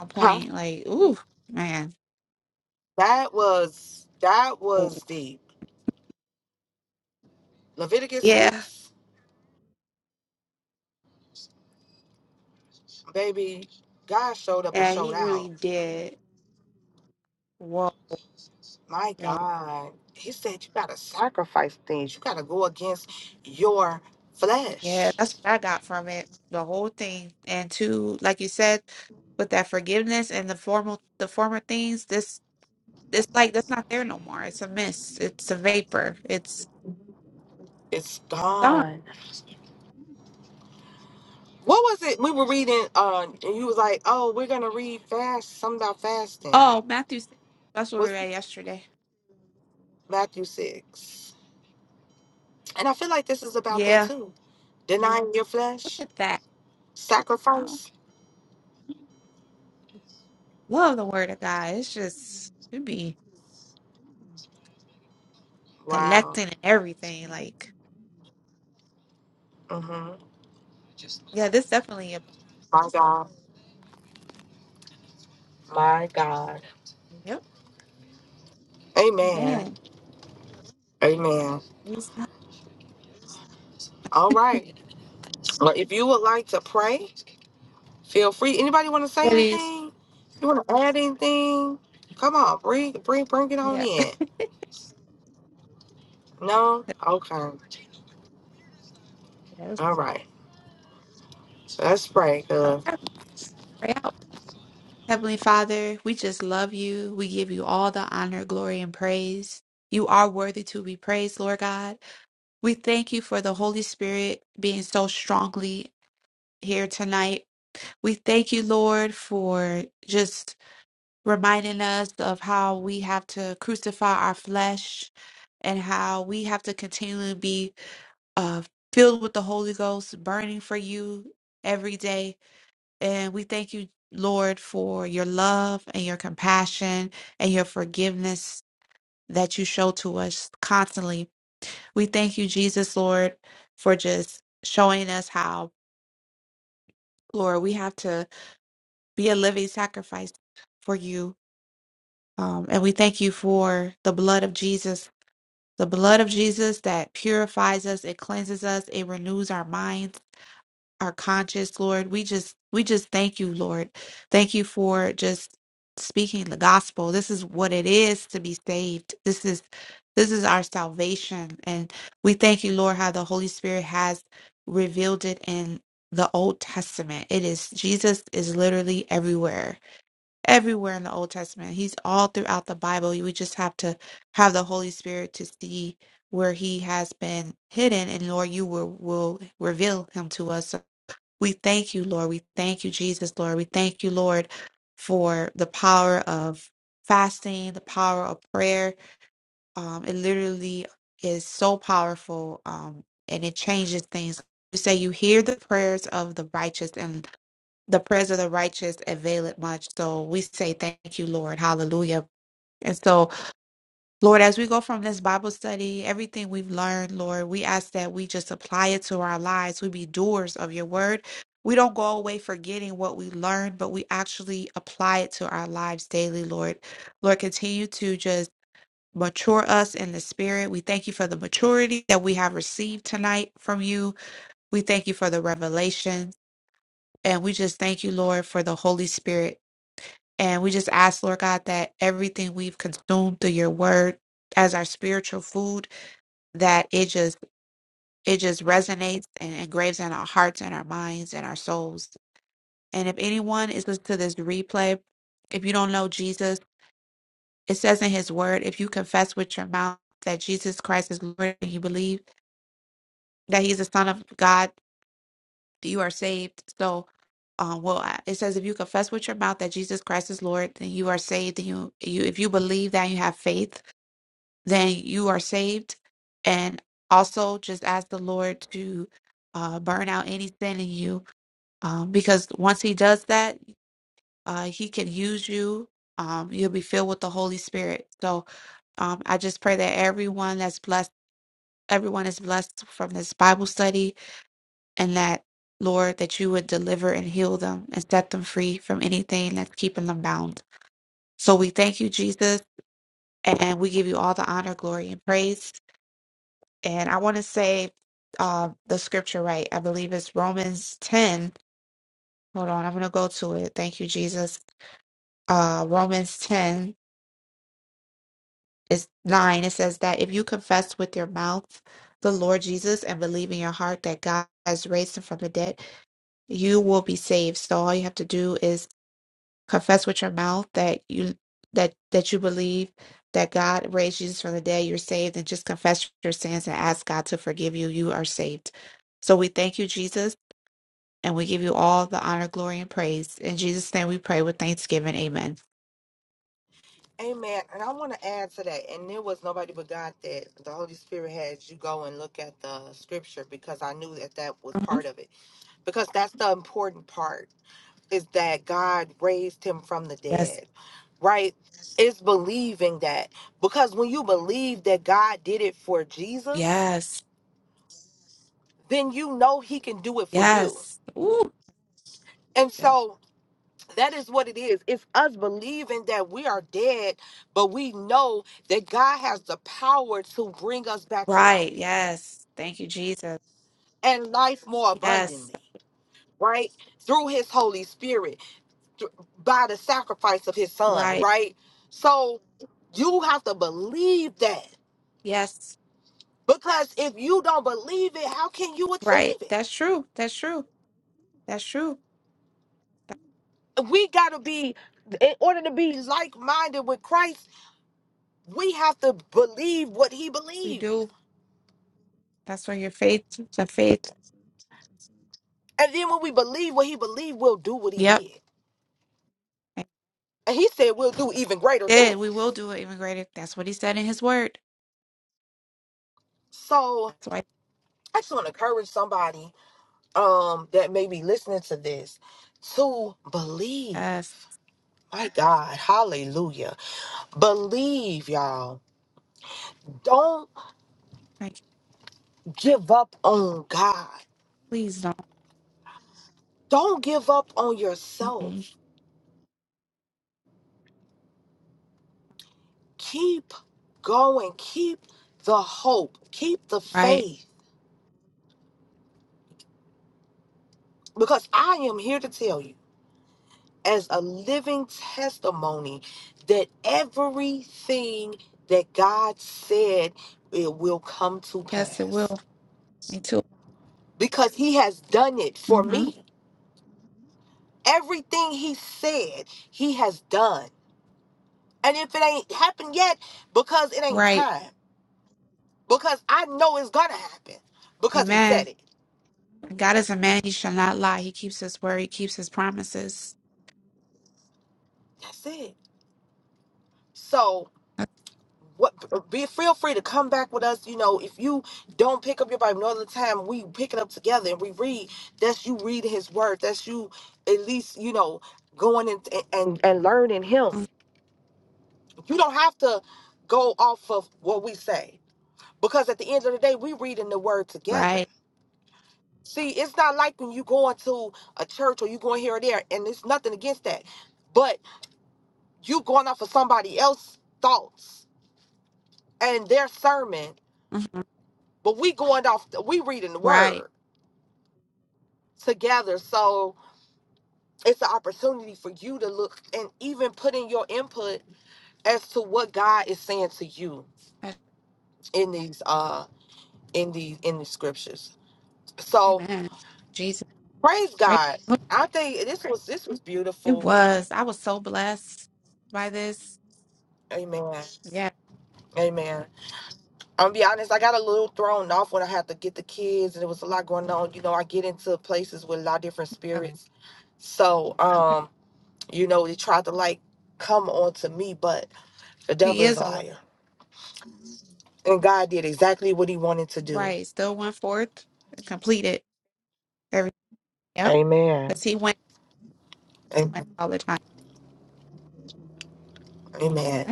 Speaker 1: on
Speaker 2: Huh?
Speaker 1: point. Like, ooh, man,
Speaker 2: That was that
Speaker 1: oh,
Speaker 2: was deep. Leviticus
Speaker 1: yeah,
Speaker 2: six, baby. God showed up and
Speaker 1: yeah,
Speaker 2: showed
Speaker 1: he really
Speaker 2: out.
Speaker 1: did. Whoa,
Speaker 2: My
Speaker 1: like,
Speaker 2: God. He said you gotta sacrifice things. You gotta go against your
Speaker 1: yeah,
Speaker 2: flesh.
Speaker 1: that's what I got from it. The whole thing, and to like you said, with that forgiveness and the formal, the former things. This, it's like that's not there no more. It's a mist. It's a vapor. It's.
Speaker 2: It's
Speaker 1: gone.
Speaker 2: gone. What was it we were reading? Uh, and you was like, oh, we're gonna read fast. Something about fasting.
Speaker 1: Oh, Matthew 6. That's what we
Speaker 2: What's
Speaker 1: read yesterday.
Speaker 2: Matthew six? And I feel like this is about that
Speaker 1: Yeah.
Speaker 2: too. Denying your
Speaker 1: Look
Speaker 2: flesh,
Speaker 1: at that. I
Speaker 2: sacrifice.
Speaker 1: love the word of God. It's just, it be
Speaker 2: Wow.
Speaker 1: collecting and everything. Like,
Speaker 2: Mm-hmm.
Speaker 1: yeah, this definitely a
Speaker 2: My God. My God.
Speaker 1: Yep.
Speaker 2: Amen.
Speaker 1: Man,
Speaker 2: Amen.
Speaker 1: these
Speaker 2: All right. Well, if you would like to pray, feel free. Anybody want to say
Speaker 1: studies.
Speaker 2: anything? You want to add anything? Come on, bring bring bring it on
Speaker 1: Yeah.
Speaker 2: in. No? Okay.
Speaker 1: Let's
Speaker 2: All right. So let's pray. Uh,
Speaker 1: Pray out. Heavenly Father, we just love you. We give you all the honor, glory, and praise. You are worthy to be praised, Lord God. We thank you for the Holy Spirit being so strongly here tonight. We thank you, Lord, for just reminding us of how we have to crucify our flesh and how we have to continually be uh, filled with the Holy Ghost, burning for you every day. And we thank you, Lord, for your love and your compassion and your forgiveness that you show to us constantly. We thank you, Jesus, Lord, for just showing us how, Lord, we have to be a living sacrifice for you. Um, and we thank you for the blood of Jesus The blood of Jesus that purifies us, it cleanses us, it renews our minds, our conscience, Lord. We just we just thank you, Lord. Thank you for just speaking the gospel. This is what it is to be saved. This is this is our salvation. And we thank you, Lord, how the Holy Spirit has revealed it in the Old Testament. It is Jesus is literally everywhere everywhere in the Old Testament. He's all throughout the Bible. We just have to have the Holy Spirit to see where he has been hidden, and Lord, you will, will reveal him to us. So we thank you, Lord. We thank you, Jesus, Lord. We thank you, Lord, for the power of fasting, the power of prayer. Um, it literally is so powerful, um, and it changes things. You say you hear the prayers of the righteous, and the prayers of the righteous avail it much. So we say thank you, Lord. Hallelujah. And so, Lord, as we go from this Bible study, everything we've learned, Lord, we ask that we just apply it to our lives. We be doers of your word. We don't go away forgetting what we learned, but we actually apply it to our lives daily, Lord. Lord, continue to just mature us in the spirit. We thank you for the maturity that we have received tonight from you. We thank you for the revelation. And we just thank you, Lord, for the Holy Spirit and we just ask, Lord God, that everything we've consumed through your word as our spiritual food, that it just it just resonates and engraves in our hearts and our minds and our souls. And if anyone is listening to this replay, if you don't know Jesus, it says in his word, if you confess with your mouth that Jesus Christ is Lord and you believe that he's the Son of God, you are saved. So um, well, I- it says if you confess with your mouth that Jesus Christ is Lord, then you are saved. And you, you, if you believe that, you have faith then you are saved. And also just ask the Lord to uh, burn out any sin in you. Um, because once He does that, uh, He can use you. Um, you'll be filled with the Holy Spirit. So um, I just pray that everyone that's blessed, everyone is blessed from this Bible study, and that, Lord, that you would deliver and heal them and set them free from anything that's keeping them bound. So we thank you, Jesus, and we give you all the honor, glory, and praise. and I want to say uh, the scripture right. I believe it's Romans 10. Hold on, I'm going to go to it. Thank you, Jesus. Uh, Romans 10 is 9. It says that if you confess with your mouth the Lord Jesus and believe in your heart that God has raised him from the dead, you will be saved. So all you have to do is confess with your mouth that you that that you believe that God raised Jesus from the dead, you're saved, and just confess your sins and ask God to forgive you. You are saved. So we thank you, Jesus And we give you all the honor, glory, and praise. In Jesus' name we pray with thanksgiving. Amen.
Speaker 2: Amen. And I want to add to that. And there was nobody but God that the Holy Spirit had you go and look at the scripture because I knew that that was
Speaker 1: Mhm.
Speaker 2: part of it. Because that's the important part is that God raised him from the
Speaker 1: Yes.
Speaker 2: dead, right? It's believing that because when you believe that God did it for Jesus,
Speaker 1: Yes.
Speaker 2: then you know he can do it for you.
Speaker 1: Yes. Ooh.
Speaker 2: And
Speaker 1: good.
Speaker 2: so that is what it is. It's us believing that we are dead, but we know that God has the power to bring us back to
Speaker 1: Right.
Speaker 2: life
Speaker 1: Yes. Thank you, Jesus.
Speaker 2: and life more
Speaker 1: Yes.
Speaker 2: abundantly, right? Through his Holy Spirit. th- by the sacrifice of his son,
Speaker 1: Right.
Speaker 2: right? So you have to believe that
Speaker 1: Yes.
Speaker 2: because if you don't believe it, how can you
Speaker 1: Right.
Speaker 2: achieve
Speaker 1: That's
Speaker 2: it?
Speaker 1: true. That's true. That's true. That's
Speaker 2: We got to be, in order to be like minded with Christ, we have to believe what he
Speaker 1: what we
Speaker 2: believed.
Speaker 1: do. That's where your faith the faith.
Speaker 2: And then when we believe what he believed, we'll do what he
Speaker 1: Yep.
Speaker 2: did.
Speaker 1: And
Speaker 2: And he said we'll do even greater
Speaker 1: we did. We will
Speaker 2: things.
Speaker 1: do it even greater. That's what he said in his word.
Speaker 2: So
Speaker 1: That's why
Speaker 2: I just want to encourage somebody um, that may be listening to this to believe
Speaker 1: yes.
Speaker 2: My God, hallelujah. Believe, y'all. Don't
Speaker 1: Thank you.
Speaker 2: give up on God.
Speaker 1: Please don't.
Speaker 2: Don't give up on yourself.
Speaker 1: Mm-mm.
Speaker 2: Keep going. Keep the hope. Keep the
Speaker 1: Right.
Speaker 2: faith. Because I am here to tell you, as a living testimony, that everything that God said it will come to
Speaker 1: Yes, it
Speaker 2: pass.
Speaker 1: will. Me too.
Speaker 2: Because He has done it for
Speaker 1: hmm
Speaker 2: me. Everything He said, He has done. And if it ain't happened yet, because it ain't
Speaker 1: Right.
Speaker 2: time. Because I know it's gonna happen. Because he
Speaker 1: Amen.
Speaker 2: said it.
Speaker 1: God is a man, he shall not lie. He keeps his word, he keeps his promises.
Speaker 2: That's it. So what be feel free to come back with us. You know, if you don't pick up your Bible no other time, we pick it up together and we read. That's you reading his word. That's you at least, you know, going and and, and learning him.
Speaker 1: Mhm.
Speaker 2: You don't have to go off of what we say. Because at the end of the day, we reading the word together
Speaker 1: Right.
Speaker 2: See, it's not like when you going to a church or you going here or there, and there's nothing against that. But you going off of somebody else's thoughts and their sermon,
Speaker 1: Mhm.
Speaker 2: but we going off we reading the
Speaker 1: Right.
Speaker 2: word together. So it's an opportunity for you to look and even put in your input as to what God is saying to you
Speaker 1: That's-
Speaker 2: in these uh in these in the scriptures. So
Speaker 1: Amen. Jesus.
Speaker 2: praise
Speaker 1: Right.
Speaker 2: God.
Speaker 1: Look,
Speaker 2: I think this was this was
Speaker 1: It
Speaker 2: beautiful.
Speaker 1: was. I was so blessed by this.
Speaker 2: Amen.
Speaker 1: Yeah.
Speaker 2: Amen. I'm gonna be honest, I got a little thrown off when I had to get the kids and there was a lot going on. You know, I get into places with a lot of different spirits. So, um, you know, they tried to like come on to me, but the
Speaker 1: He
Speaker 2: devil is
Speaker 1: is
Speaker 2: a
Speaker 1: alive.
Speaker 2: liar. And God did exactly what he wanted to do.
Speaker 1: Right. Still went forth and completed everything. Yep.
Speaker 2: Amen.
Speaker 1: Because he went, went
Speaker 2: And
Speaker 1: all the time.
Speaker 2: amen.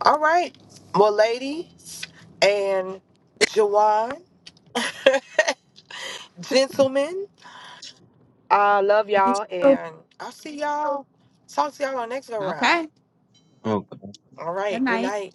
Speaker 2: All right. Well, ladies and Jawan, gentlemen, I love y'all and I'll see y'all. Talk to y'all on next go round.
Speaker 1: Okay.
Speaker 3: Oh,
Speaker 2: All
Speaker 1: Good
Speaker 2: right. Good
Speaker 1: night.
Speaker 2: night.